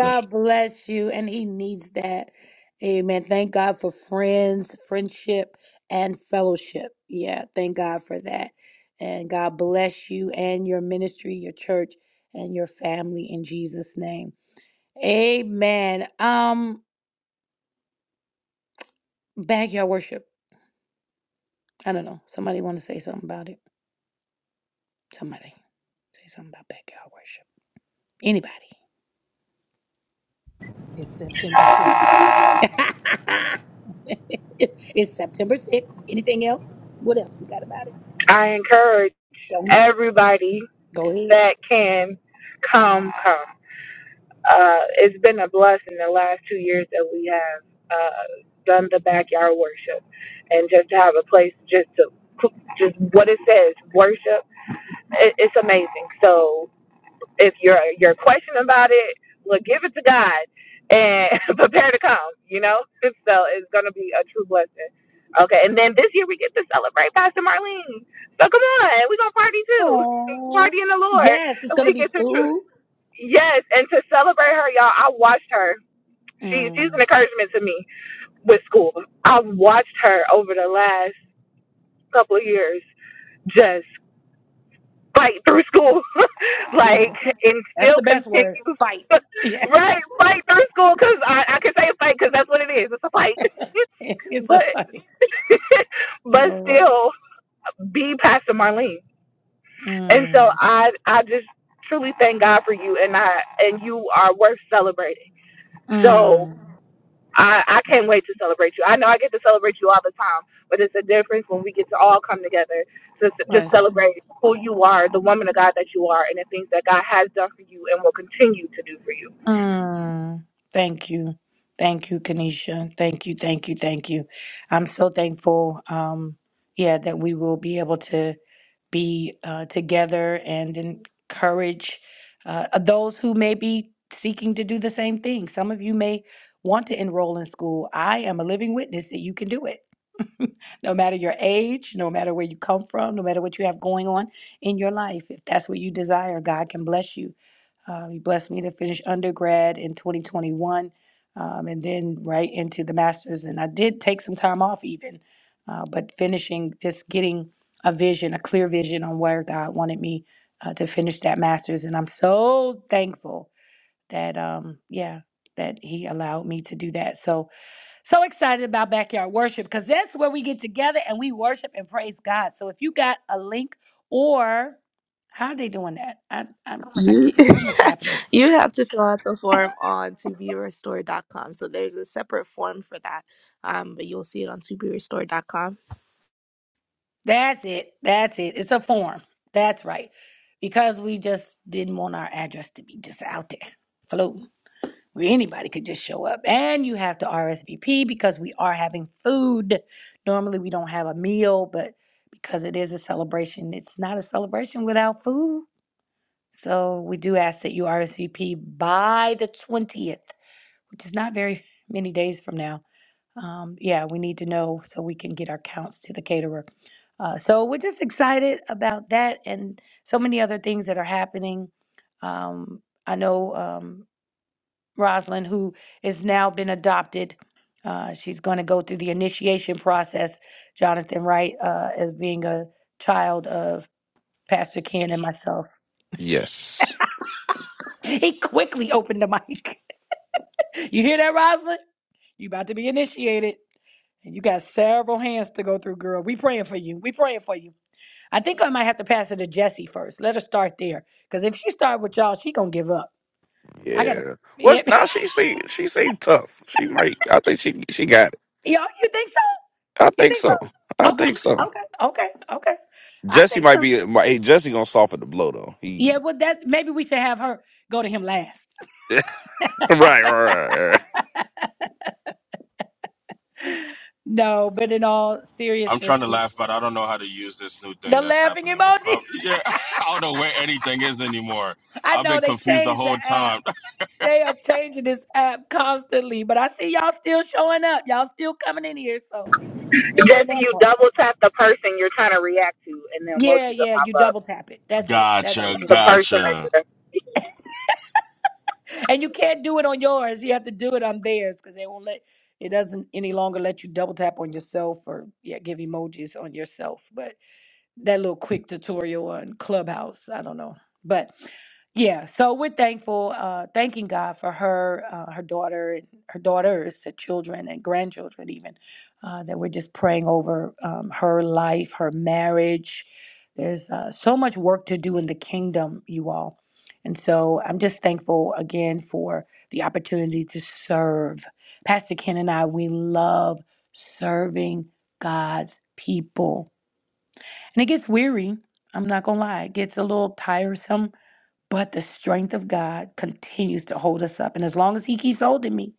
Speaker 8: Bless you.
Speaker 1: bless you. And he needs that. Amen. Thank God for friends, friendship, and fellowship. Yeah, thank God for that. And God bless you and your ministry, your church, and your family in Jesus' name. Amen. Um, backyard worship. I don't know. Somebody want to say something about it? Somebody say something about backyard worship. Anybody?
Speaker 9: It's September 6th.
Speaker 1: it's September 6th. Anything else? What else we got about it?
Speaker 2: I encourage
Speaker 1: Don't miss it.
Speaker 2: everybody
Speaker 1: Go ahead.
Speaker 2: that can come come. Uh, it's been a blessing the last two years that we have uh, done the backyard worship, and just to have a place just to just what it says worship. It, it's amazing. So if you're you're questioning about it, well, give it to God and prepare to come. You know, so it's gonna be a true blessing. Okay, and then this year we get to celebrate Pastor Marlene. So come on, we're gonna party too,
Speaker 1: Oh,
Speaker 2: party in the Lord.
Speaker 1: yes, it's
Speaker 2: And
Speaker 1: going to
Speaker 2: we
Speaker 1: be
Speaker 2: get to true.
Speaker 1: food.
Speaker 2: Yes, and to celebrate her, y'all, I watched her. She she's an
Speaker 1: Mm,
Speaker 2: encouragement to me with school. I've watched her over the last couple of years just like through school, like
Speaker 1: Jesus.
Speaker 2: and
Speaker 1: That's
Speaker 2: still
Speaker 1: the best
Speaker 2: continue.
Speaker 1: word. Fight. Yeah,
Speaker 2: right, fight through school because I, I can say fight because that's what it is. It's a fight,
Speaker 1: it's a
Speaker 2: but
Speaker 1: fight.
Speaker 2: but
Speaker 1: Lord.
Speaker 2: still be Pastor Marlene. And so
Speaker 1: Mm,
Speaker 2: I I just truly thank God for you, and I and you are worth celebrating. So
Speaker 1: mm.
Speaker 2: I, I can't wait to celebrate you. I know I get to celebrate you all the time, but it's a difference when we get to all come together to s- just
Speaker 1: Bless you.
Speaker 2: celebrate who you are, the woman of God that you are, and the things that God has done for you and will continue to do for you.
Speaker 1: Mm, thank you. Thank you, Kanisha. Thank you, thank you, thank you. I'm so thankful, um, yeah, that we will be able to be uh, together and encourage uh, those who may be seeking to do the same thing. Some of you may want to enroll in school. I am a living witness that you can do it. no matter your age, no matter where you come from, no matter what you have going on in your life. If that's what you desire, God can bless you. Uh, he blessed me to finish undergrad in 2021 um, and then right into the master's. And I did take some time off, even, uh, but finishing, just getting a vision, a clear vision on where God wanted me uh, to finish that master's. And I'm so thankful that, um, yeah, that He allowed me to do that. So, so excited about backyard worship because that's where we get together and we worship and praise God. So if you got a link or how are they doing that? I I'm I
Speaker 6: You
Speaker 1: can't it's so much happening.
Speaker 6: you have to fill out the form on to be restored.com. So there's a separate form for that. Um, but you'll see it on to be restored.com.
Speaker 1: That's it. That's it. It's a form. That's right. Because we just didn't want our address to be just out there floating. Where anybody could just show up. And you have to RSVP because we are having food. Normally we don't have a meal, but because it is a celebration, it's not a celebration without food. So we do ask that you RSVP by the 20th, which is not very many days from now. Um, yeah, we need to know so we can get our counts to the caterer. Uh, so we're just excited about that and so many other things that are happening. Um, I know um, Rosalind, who has now been adopted, uh, she's going to go through the initiation process, Jonathan Wright, uh, as being a child of Pastor Ken and myself.
Speaker 3: Yes.
Speaker 1: He quickly opened the mic. You hear that, Rosalind? You about to be initiated. And you got several hands to go through, girl. We praying for you. We praying for you. I think I might have to pass it to Jesse first. Let her start there. Because if she start with y'all, she gonna give up. I gotta
Speaker 3: Yeah.
Speaker 1: yeah.
Speaker 3: What's now? She seem she seem tough. She might. I think she she got it.
Speaker 1: y'all, you think so?
Speaker 3: I
Speaker 1: You
Speaker 3: think
Speaker 1: think
Speaker 3: so. I
Speaker 1: so? Okay.
Speaker 3: think so.
Speaker 1: Okay. Okay. Okay. I
Speaker 3: Jesse
Speaker 1: think
Speaker 3: might
Speaker 1: so.
Speaker 3: be. Might, hey, Jesse gonna soften the blow though. He
Speaker 1: Yeah, well that's maybe we should have her go to him last.
Speaker 3: right, right, right, right.
Speaker 1: No, but in all
Speaker 4: I'm
Speaker 1: seriousness,
Speaker 4: trying to
Speaker 1: we
Speaker 4: laugh, but I don't know how to use this new thing
Speaker 1: the
Speaker 4: that's
Speaker 1: laughing
Speaker 4: happening with Club.
Speaker 1: emoji.
Speaker 4: Yeah, I don't know where anything is anymore.
Speaker 1: I
Speaker 4: I've
Speaker 1: know
Speaker 4: been
Speaker 1: they
Speaker 4: confused the
Speaker 1: changed the
Speaker 4: whole
Speaker 1: app.
Speaker 4: time.
Speaker 1: They are changing this app constantly, but I see y'all still showing up. Y'all still coming in here, so you figuring
Speaker 2: Jesse,
Speaker 1: that
Speaker 2: you
Speaker 1: part out.
Speaker 2: double tap the person you're trying to react to, and the
Speaker 1: Yeah,
Speaker 2: emojis will
Speaker 1: yeah,
Speaker 2: pop
Speaker 1: you
Speaker 2: up.
Speaker 1: double tap it. That's it. That's
Speaker 4: Gotcha,
Speaker 1: it.
Speaker 2: The
Speaker 1: Thank
Speaker 2: person that
Speaker 4: gotcha.
Speaker 2: you're,
Speaker 1: you. And you can't do it on yours. You have to do it on theirs because they won't let it doesn't any longer let you double tap on yourself or yeah, give emojis on yourself. But that little quick tutorial on Clubhouse. I don't know, but yeah. So we're thankful, uh, thanking God for her, uh, her daughter, and her daughters, her children and grandchildren, even uh, that we're just praying over um, her life, her marriage. There's uh, so much work to do in the kingdom, you all. And so I'm just thankful again for the opportunity to serve. Pastor Ken and I, we love serving God's people and it gets weary. I'm not going to lie. It gets a little tiresome, but the strength of God continues to hold us up. And as long as He keeps holding me,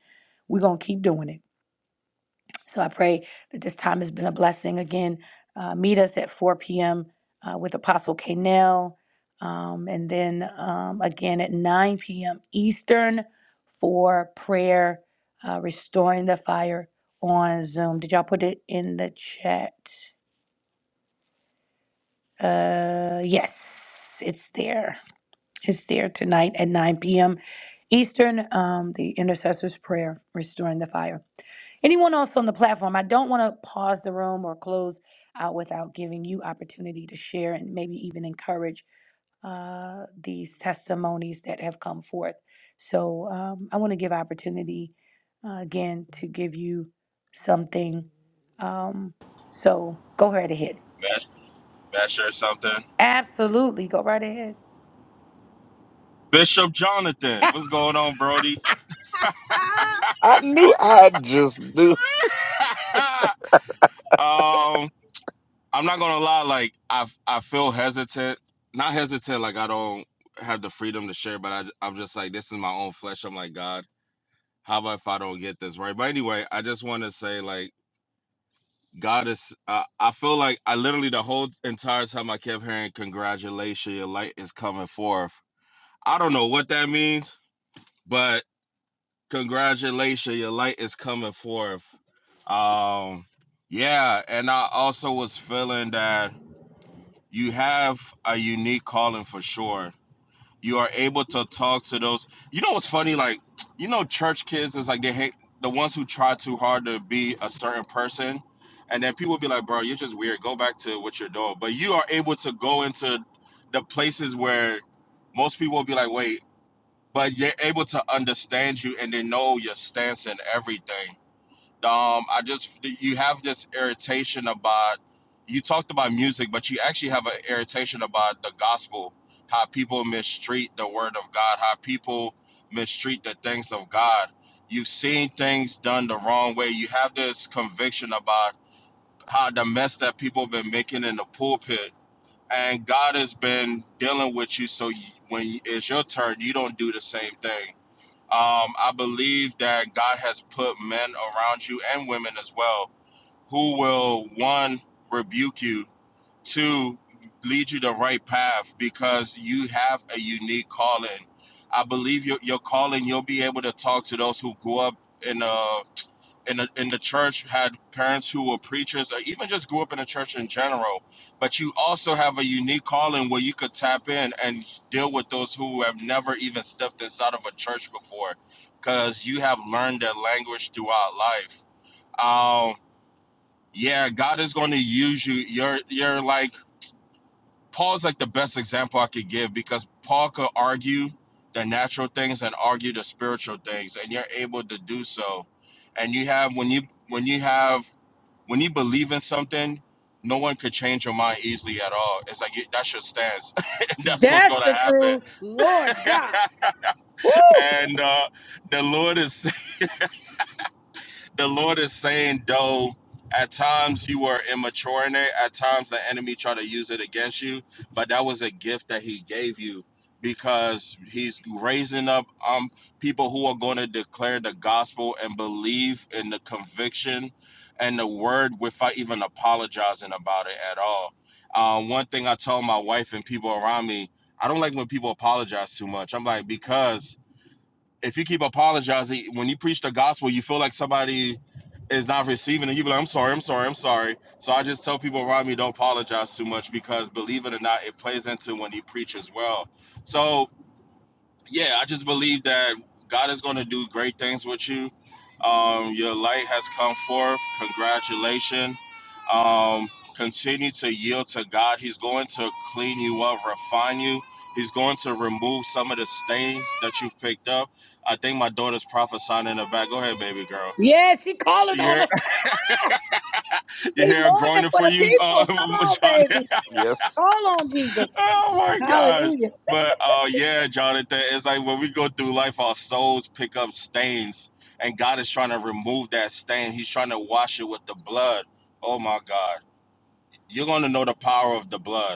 Speaker 1: we're going to keep doing it. So I pray that this time has been a blessing. Again, uh, meet us at 4 p.m. Uh, with Apostle Kanell. Um, and then um, again at 9 p.m. Eastern for prayer, uh, restoring the fire on Zoom. Did y'all put it in the chat? Uh, yes, it's there. is there tonight at 9 p.m. Eastern, um, the intercessor's prayer, restoring the fire. Anyone else on the platform, I don't want to pause the room or close out without giving you opportunity to share and maybe even encourage uh, these testimonies that have come forth. So um, I want to give opportunity uh, again to give you something. Um, so go right ahead.
Speaker 4: Mesh, mesh or something.
Speaker 1: Absolutely, go right ahead.
Speaker 4: Bishop Jonathan, what's going on, Brody?
Speaker 3: I knew. I just knew.
Speaker 4: um, I'm not gonna lie. Like, I I feel hesitant. Not hesitant. Like, I don't have the freedom to share, but I I'm just like, this is my own flesh. I'm like, God, how about if I don't get this right? But anyway, I just want to say, like. God is. I I feel like I literally the whole entire time I kept hearing "Congratulations, your light is coming forth." I don't know what that means, but congratulations, your light is coming forth. Um, yeah, and I also was feeling that you have a unique calling for sure you are able to talk to those you know what's funny like you know church kids is like they hate the ones who try too hard to be a certain person and then people be like bro you're just weird go back to what you're doing but you are able to go into the places where most people will be like wait but you're able to understand you and they know your stance and everything um, I just you have this irritation about you talked about music, but you actually have an irritation about the gospel, how people mistreat the word of God, how people mistreat the things of God. You've seen things done the wrong way. You have this conviction about how the mess that people have been making in the pulpit, and God has been dealing with you. So you, when it's your turn, you don't do the same thing um, I believe that God has put men around you and women as well who will, one, rebuke you, two, lead you the right path because you have a unique calling. I believe your, your calling, you'll be able to talk to those who grew up in a in the, in the church had parents who were preachers or even just grew up in the church in general but you also have a unique calling where you could tap in and deal with those who have never even stepped inside of a church before because you have learned their language throughout life um yeah god is going to use you you're you're like paul's like the best example i could give because paul could argue the natural things and argue the spiritual things and you're able to do so and you have when you when you have when you believe in something, no one could change your mind easily at all. It's like it, that's your stance. that's what's
Speaker 1: That's
Speaker 4: gonna
Speaker 1: the
Speaker 4: happen.
Speaker 1: truth. Lord God.
Speaker 4: And uh, the Lord is the Lord is saying, though, at times you were immature in it, at times the enemy tried to use it against you, but that was a gift that He gave you because He's raising up um people who are going to declare the gospel and believe in the conviction and the word without even apologizing about it at all. Uh, one thing I told my wife and people around me, I don't like when people apologize too much. I'm like because if you keep apologizing when you preach the gospel, you feel like somebody is not receiving it. You be like, I'm sorry, I'm sorry, I'm sorry. So I just tell people around me don't apologize too much because believe it or not, it plays into when you preach as well. So yeah, I just believe that God is going to do great things with you. Um, your light has come forth. Congratulations. Um, continue to yield to God. He's going to clean you up, refine you. He's going to remove some of the stains that you've picked up. I think my daughter's prophesying in the back. Go ahead, baby girl.
Speaker 1: Yeah, she calling
Speaker 4: You
Speaker 1: on
Speaker 4: hear,
Speaker 1: him.
Speaker 4: you
Speaker 1: She
Speaker 4: hear her
Speaker 1: mourning
Speaker 4: groaning
Speaker 1: for
Speaker 4: for
Speaker 1: the
Speaker 4: you, uh,
Speaker 1: people. Come on,
Speaker 4: John?
Speaker 1: baby.
Speaker 3: Yes.
Speaker 1: Call on Jesus.
Speaker 4: Oh my gosh.
Speaker 1: Hallelujah.
Speaker 4: But uh yeah, Jonathan, it's like when we go through life, our souls pick up stains, and God is trying to remove that stain. He's trying to wash it with the blood. Oh my God. You're gonna know the power of the blood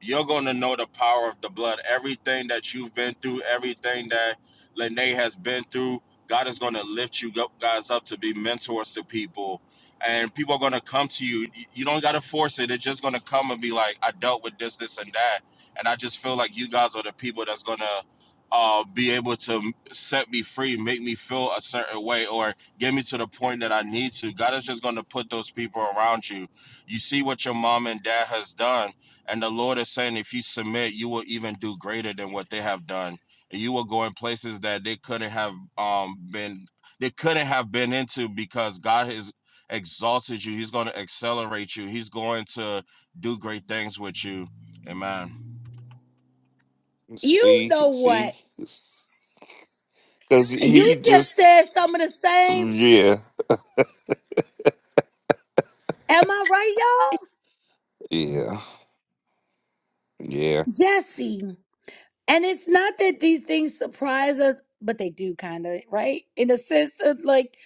Speaker 4: you're going to know the power of the blood. Everything that you've been through, everything that Lene has been through, God is going to lift you guys up to be mentors to people. And people are going to come to you. You don't got to force it. They're just going to come and be like, I dealt with this, this, and that. And I just feel like you guys are the people that's going to uh, be able to set me free, make me feel a certain way, or get me to the point that I need to. God is just going to put those people around you. You see what your mom and dad has done and the Lord is saying, if you submit, you will even do greater than what they have done. And you will go in places that they couldn't have um, been, they couldn't have been into because God has exalted you. He's going to accelerate you. He's going to do great things with you. Amen.
Speaker 1: You
Speaker 3: See,
Speaker 1: know what?
Speaker 3: see, because
Speaker 1: You
Speaker 3: he
Speaker 1: just
Speaker 3: just.
Speaker 1: said some of the same.
Speaker 3: Yeah,
Speaker 1: Am I right,
Speaker 3: yeah, yeah,
Speaker 1: y'all? Jesse. And it's not that these things surprise us, but they do kind of, right? In a sense, it's like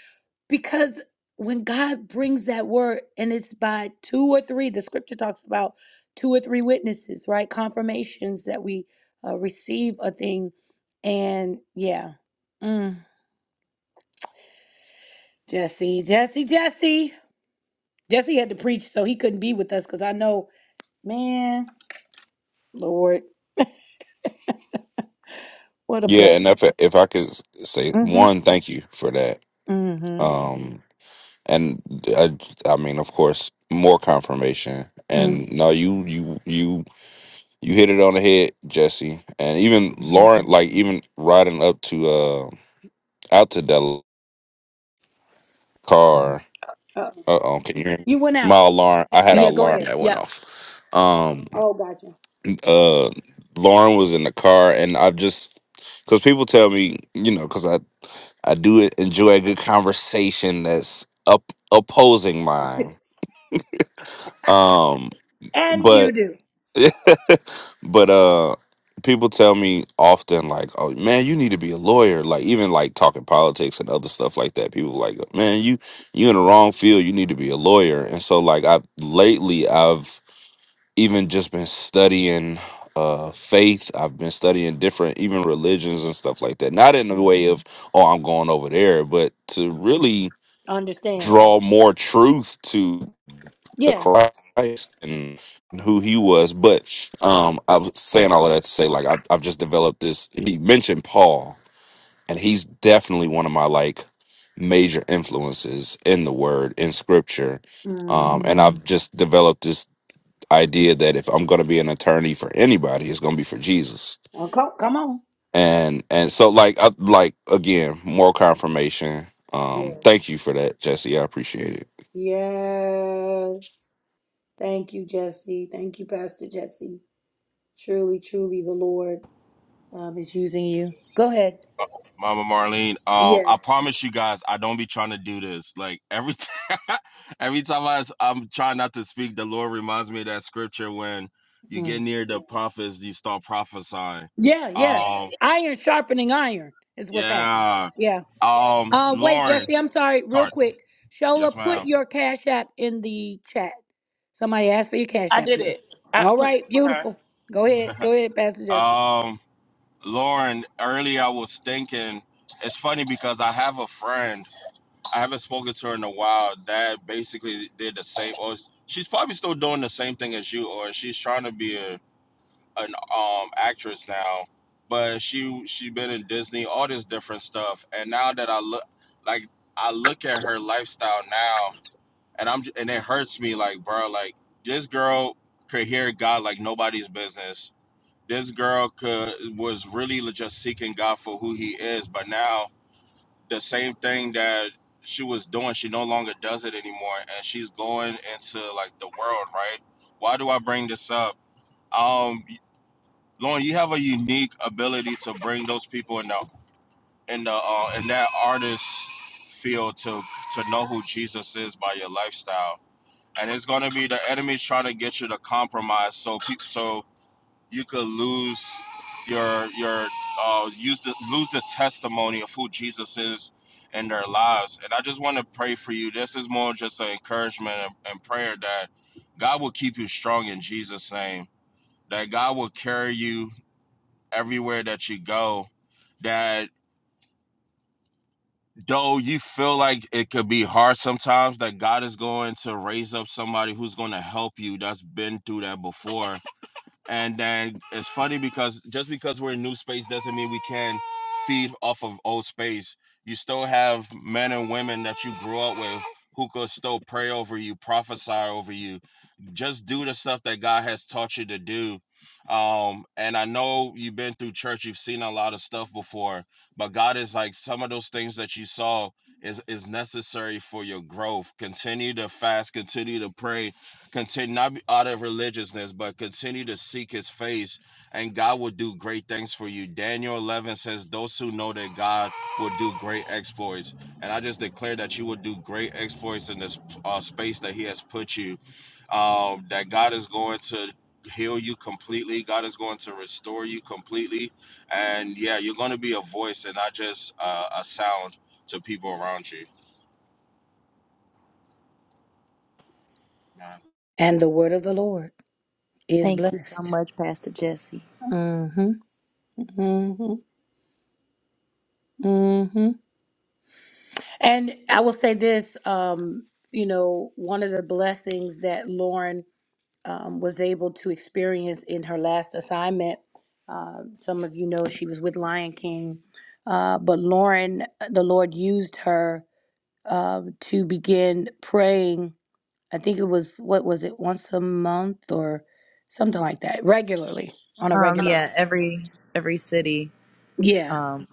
Speaker 1: Because when God brings that word, and it's by two or three, the scripture talks about two or three witnesses, right? Confirmations that we uh, receive a thing. And yeah, mm. Jesse, Jesse, Jesse. Jesse had to preach, so he couldn't be with us because I know, man, Lord, what a
Speaker 3: yeah.
Speaker 1: blessing.
Speaker 3: And if if I could say
Speaker 1: Mm-hmm.
Speaker 3: one, thank you for that.
Speaker 1: Mm-hmm.
Speaker 3: Um. and I, I mean, of course, more confirmation.
Speaker 1: Mm.
Speaker 3: And no, you, you, you, you hit it on the head, Jesse. And even Lauren, like even riding up to uh out to that car.
Speaker 1: Uh,
Speaker 3: Uh oh, can you hear me?
Speaker 1: you went
Speaker 3: My
Speaker 1: out.
Speaker 3: alarm. I had an
Speaker 1: Yeah, go
Speaker 3: alarm
Speaker 1: ahead.
Speaker 3: that went
Speaker 1: Yep.
Speaker 3: off. Um,
Speaker 1: Oh, gotcha.
Speaker 3: uh, Lauren was in the car, and I've just because people tell me, you know, because I I do enjoy a good conversation that's up opposing mine. Um,
Speaker 1: And you do.
Speaker 3: But uh people tell me often like, "Oh man, you need to be a lawyer." Like even like talking politics and other stuff like that. People like, "Man, you you in the wrong field. You need to be a lawyer." And so like I've lately I've even just been studying uh faith. I've been studying different even religions and stuff like that. Not in the way of, "Oh, I'm going over there," but to really
Speaker 1: Understand.
Speaker 3: draw more truth to to
Speaker 1: Yeah.
Speaker 3: Christ and who he was. But um, I was saying all of that to say, like, I've, I've just developed this. He mentioned Paul, and he's definitely one of my like major influences in the Word in Scripture.
Speaker 1: Mm.
Speaker 3: Um, and Mm. I've Mm. just developed this idea that if I'm going to be an attorney for anybody, it's going to be for Jesus.
Speaker 1: Oh, co- come on.
Speaker 3: And and so like I, like again, more confirmation.
Speaker 1: Yes.
Speaker 3: Um, thank you for that, Jesse. I appreciate it.
Speaker 1: Yes. Thank you, Jesse. Thank you, Pastor Jesse. Truly, truly, the Lord um, is using you. Go ahead.
Speaker 4: Mama Marlene, um,
Speaker 1: Yeah.
Speaker 4: I promise you guys, I don't be trying to do this. Like every time, every time I, I'm trying not to speak, the Lord reminds me of that scripture when you get
Speaker 1: Mm.
Speaker 4: near the prophets, you start prophesying.
Speaker 1: Yeah, yeah.
Speaker 4: Um,
Speaker 1: Iron sharpening iron is what's happening.
Speaker 4: Yeah.
Speaker 1: Yeah.
Speaker 4: Um,
Speaker 1: Uh, wait,
Speaker 4: Lauren,
Speaker 1: Jesse, I'm sorry, real
Speaker 4: sorry.
Speaker 1: quick.
Speaker 4: Yes,
Speaker 1: Shola, put
Speaker 4: ma'am.
Speaker 1: your Cash App in the chat. Somebody asked for your Cash
Speaker 10: I
Speaker 1: App,
Speaker 10: did
Speaker 1: girl.
Speaker 10: it. I
Speaker 1: All
Speaker 10: put it
Speaker 1: right,
Speaker 10: for her.
Speaker 1: beautiful. Go ahead, go ahead, Pastor Jesse.
Speaker 4: Um, Lauren, earlier I was thinking, it's funny because I have a friend, I haven't spoken to her in a while, that basically did the same, or she's probably still doing the same thing as you, or she's trying to be a, an um actress now, but she she been in Disney, all this different stuff, and now that I look, like I look at her lifestyle now, and I'm and it hurts me like bro like this girl could hear God like nobody's business. This girl could was really just seeking God for who he is, but now the same thing that she was doing, she no longer does it anymore and she's going into like the world, right? Why do I bring this up? Um Lauren, you have a unique ability to bring those people in the in the uh, in that artist field to to know who Jesus is by your lifestyle and it's gonna be the enemy trying to get you to compromise, so pe- so you could lose your your uh use the lose the testimony of who Jesus is in their lives. And I just want to pray for you. This is more just an encouragement and, and prayer that God will keep you strong in Jesus' name. That God will carry you everywhere that you go. That though you feel like it could be hard sometimes that God is going to raise up somebody who's going to help you that's been through that before and then it's funny because just because we're in new space doesn't mean we can feed off of old space. You still have men and women that you grew up with who could still pray over you, prophesy over you, just do the stuff that God has taught you to do. Um, and I know you've been through church, you've seen a lot of stuff before, but God is like some of those things that you saw is is necessary for your growth. Continue to fast, continue to pray, continue not be out of religiousness, but continue to seek his face, and God will do great things for you. Daniel 11 says, Those who know that God will do great exploits. And I just declare that you will do great exploits in this uh, space that he has put you, um, that God is going to heal you completely, God is going to restore you completely. And yeah, you're going to be a voice and not just uh, a sound to people around you.
Speaker 1: And the word of the Lord is
Speaker 7: Thank you so
Speaker 1: blessed.
Speaker 7: much, Pastor Jesse.
Speaker 1: Mm-hmm. hmm And I will say this, um, you know, one of the blessings that Lauren um, was able to experience in her last assignment, uh, some of you know she was with Lion King, uh, but Lauren, the Lord used her uh, to begin praying. I think it was, what was it, once a month or something like that, regularly, on a
Speaker 7: Um,
Speaker 1: regular.
Speaker 7: yeah,
Speaker 1: Uh-huh.
Speaker 7: every every city,
Speaker 1: Yeah,
Speaker 7: um,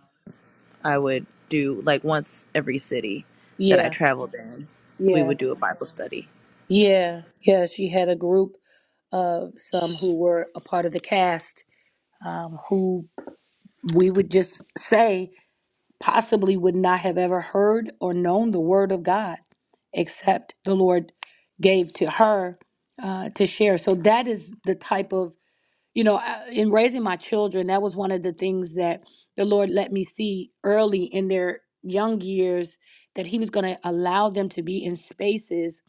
Speaker 7: I would do like once every city that I
Speaker 1: yeah,
Speaker 7: traveled in, we
Speaker 1: yeah.
Speaker 7: would do a Bible study.
Speaker 1: Yeah, yeah, she had a group of some who were a part of the cast um, who we would just say possibly would not have ever heard or known the word of God except the Lord gave to her uh, to share. So that is the type of, you know, I- in raising my children, that was one of the things that the Lord let me see early in their young years that He was going to allow them to be in spaces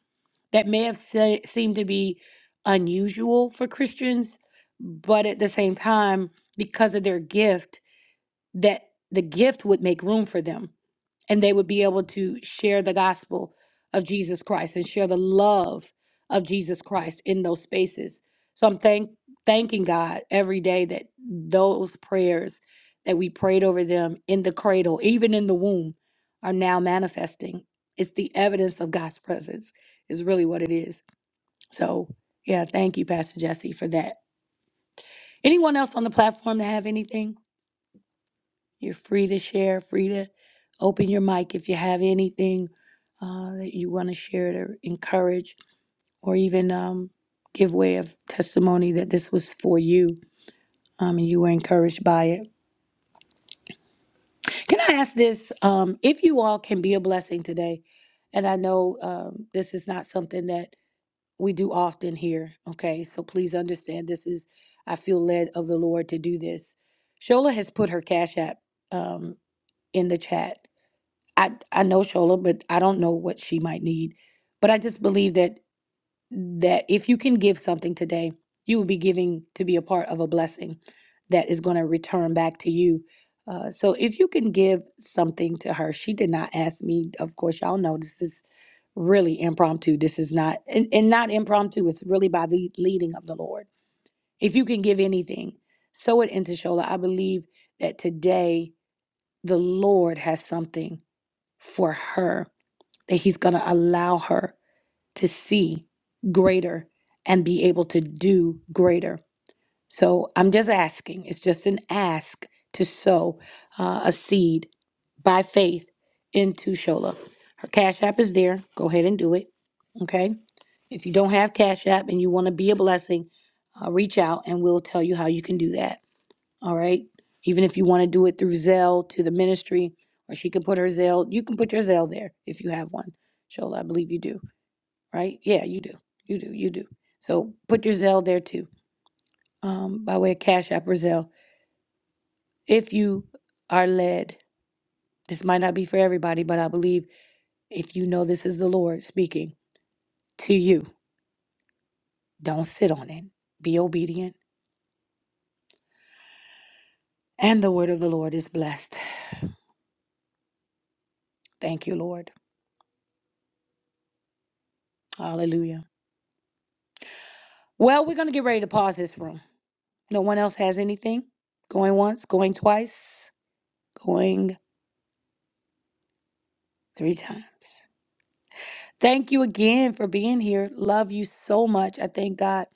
Speaker 1: that may have se- seemed to be unusual for Christians, but at the same time, because of their gift, that the gift would make room for them and they would be able to share the gospel of Jesus Christ and share the love of Jesus Christ in those spaces. So I'm thank thanking God every day that those prayers that we prayed over them in the cradle, even in the womb, are now manifesting. It's the evidence of God's presence is really what it is. So, yeah, thank you, Pastor Jesse, for that. Anyone else on the platform that have anything? You're free to share, free to open your mic if you have anything uh, that you want to share to encourage or even um, give way of testimony that this was for you um, and you were encouraged by it. Can I ask this? Um, if you all can be a blessing today, and I know um, this is not something that we do often here. Okay, so please understand this is I feel led of the Lord to do this. Shola has put her cash app um, in the chat. I I know Shola, but I don't know what she might need. But I just believe that that if you can give something today, you will be giving to be a part of a blessing that is going to return back to you. Uh, so if you can give something to her, she did not ask me. Of course, y'all know this is really impromptu. This is not, and, and not impromptu, it's really by the leading of the Lord. If you can give anything, sow it into Shola. I believe that today the Lord has something for her that He's going to allow her to see greater and be able to do greater. So I'm just asking. It's just an ask to sow uh, a seed by faith into Shola. Her Cash App is there. Go ahead and do it. Okay. If you don't have Cash App and you want to be a blessing, uh, reach out and we'll tell you how you can do that. All right. Even if you want to do it through Zelle to the ministry, or she can put her Zelle, you can put your Zelle there if you have one. Shola, I believe you do right? Yeah, you do. You do. You do. So put your Zelle there too, um, by way of Cash App or Zelle. If you are led, this might not be for everybody, but I believe if you know this is the Lord speaking to you, don't sit on it. Be obedient. And the word of the Lord is blessed. Thank you, Lord. Hallelujah. Well, we're going to get ready to pause this room. No one else has anything. Going once, going twice, going three times. Thank you again for being here. Love you so much. I thank God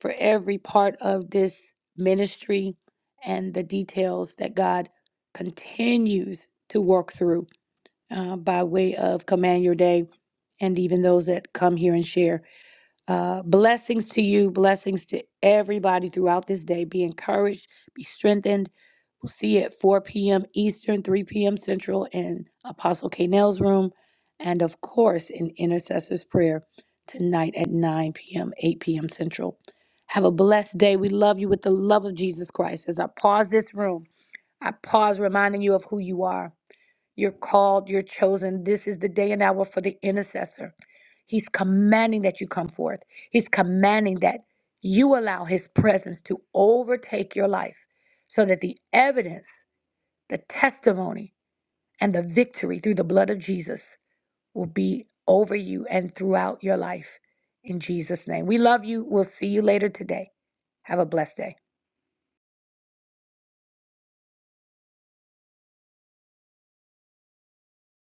Speaker 1: for every part of this ministry and the details that God continues to work through uh, by way of Command Your Day and even those that come here and share. Uh, blessings to you, blessings to everybody throughout this day. Be encouraged, be strengthened. We'll see you at 4 p.m. Eastern, 3 p.m. Central in Apostle K. Nell's room, and of course in Intercessor's Prayer tonight at 9 p.m., 8 p.m. Central. Have a blessed day. We love you with the love of Jesus Christ. As I pause this room, I pause reminding you of who you are. You're called, you're chosen. This is the day and hour for the intercessor. He's commanding that you come forth, He's commanding that you allow His presence to overtake your life so that the evidence the testimony and the victory through the blood of Jesus will be over you and throughout your life. In Jesus' name. We love you. We'll see you later today. Have a blessed day.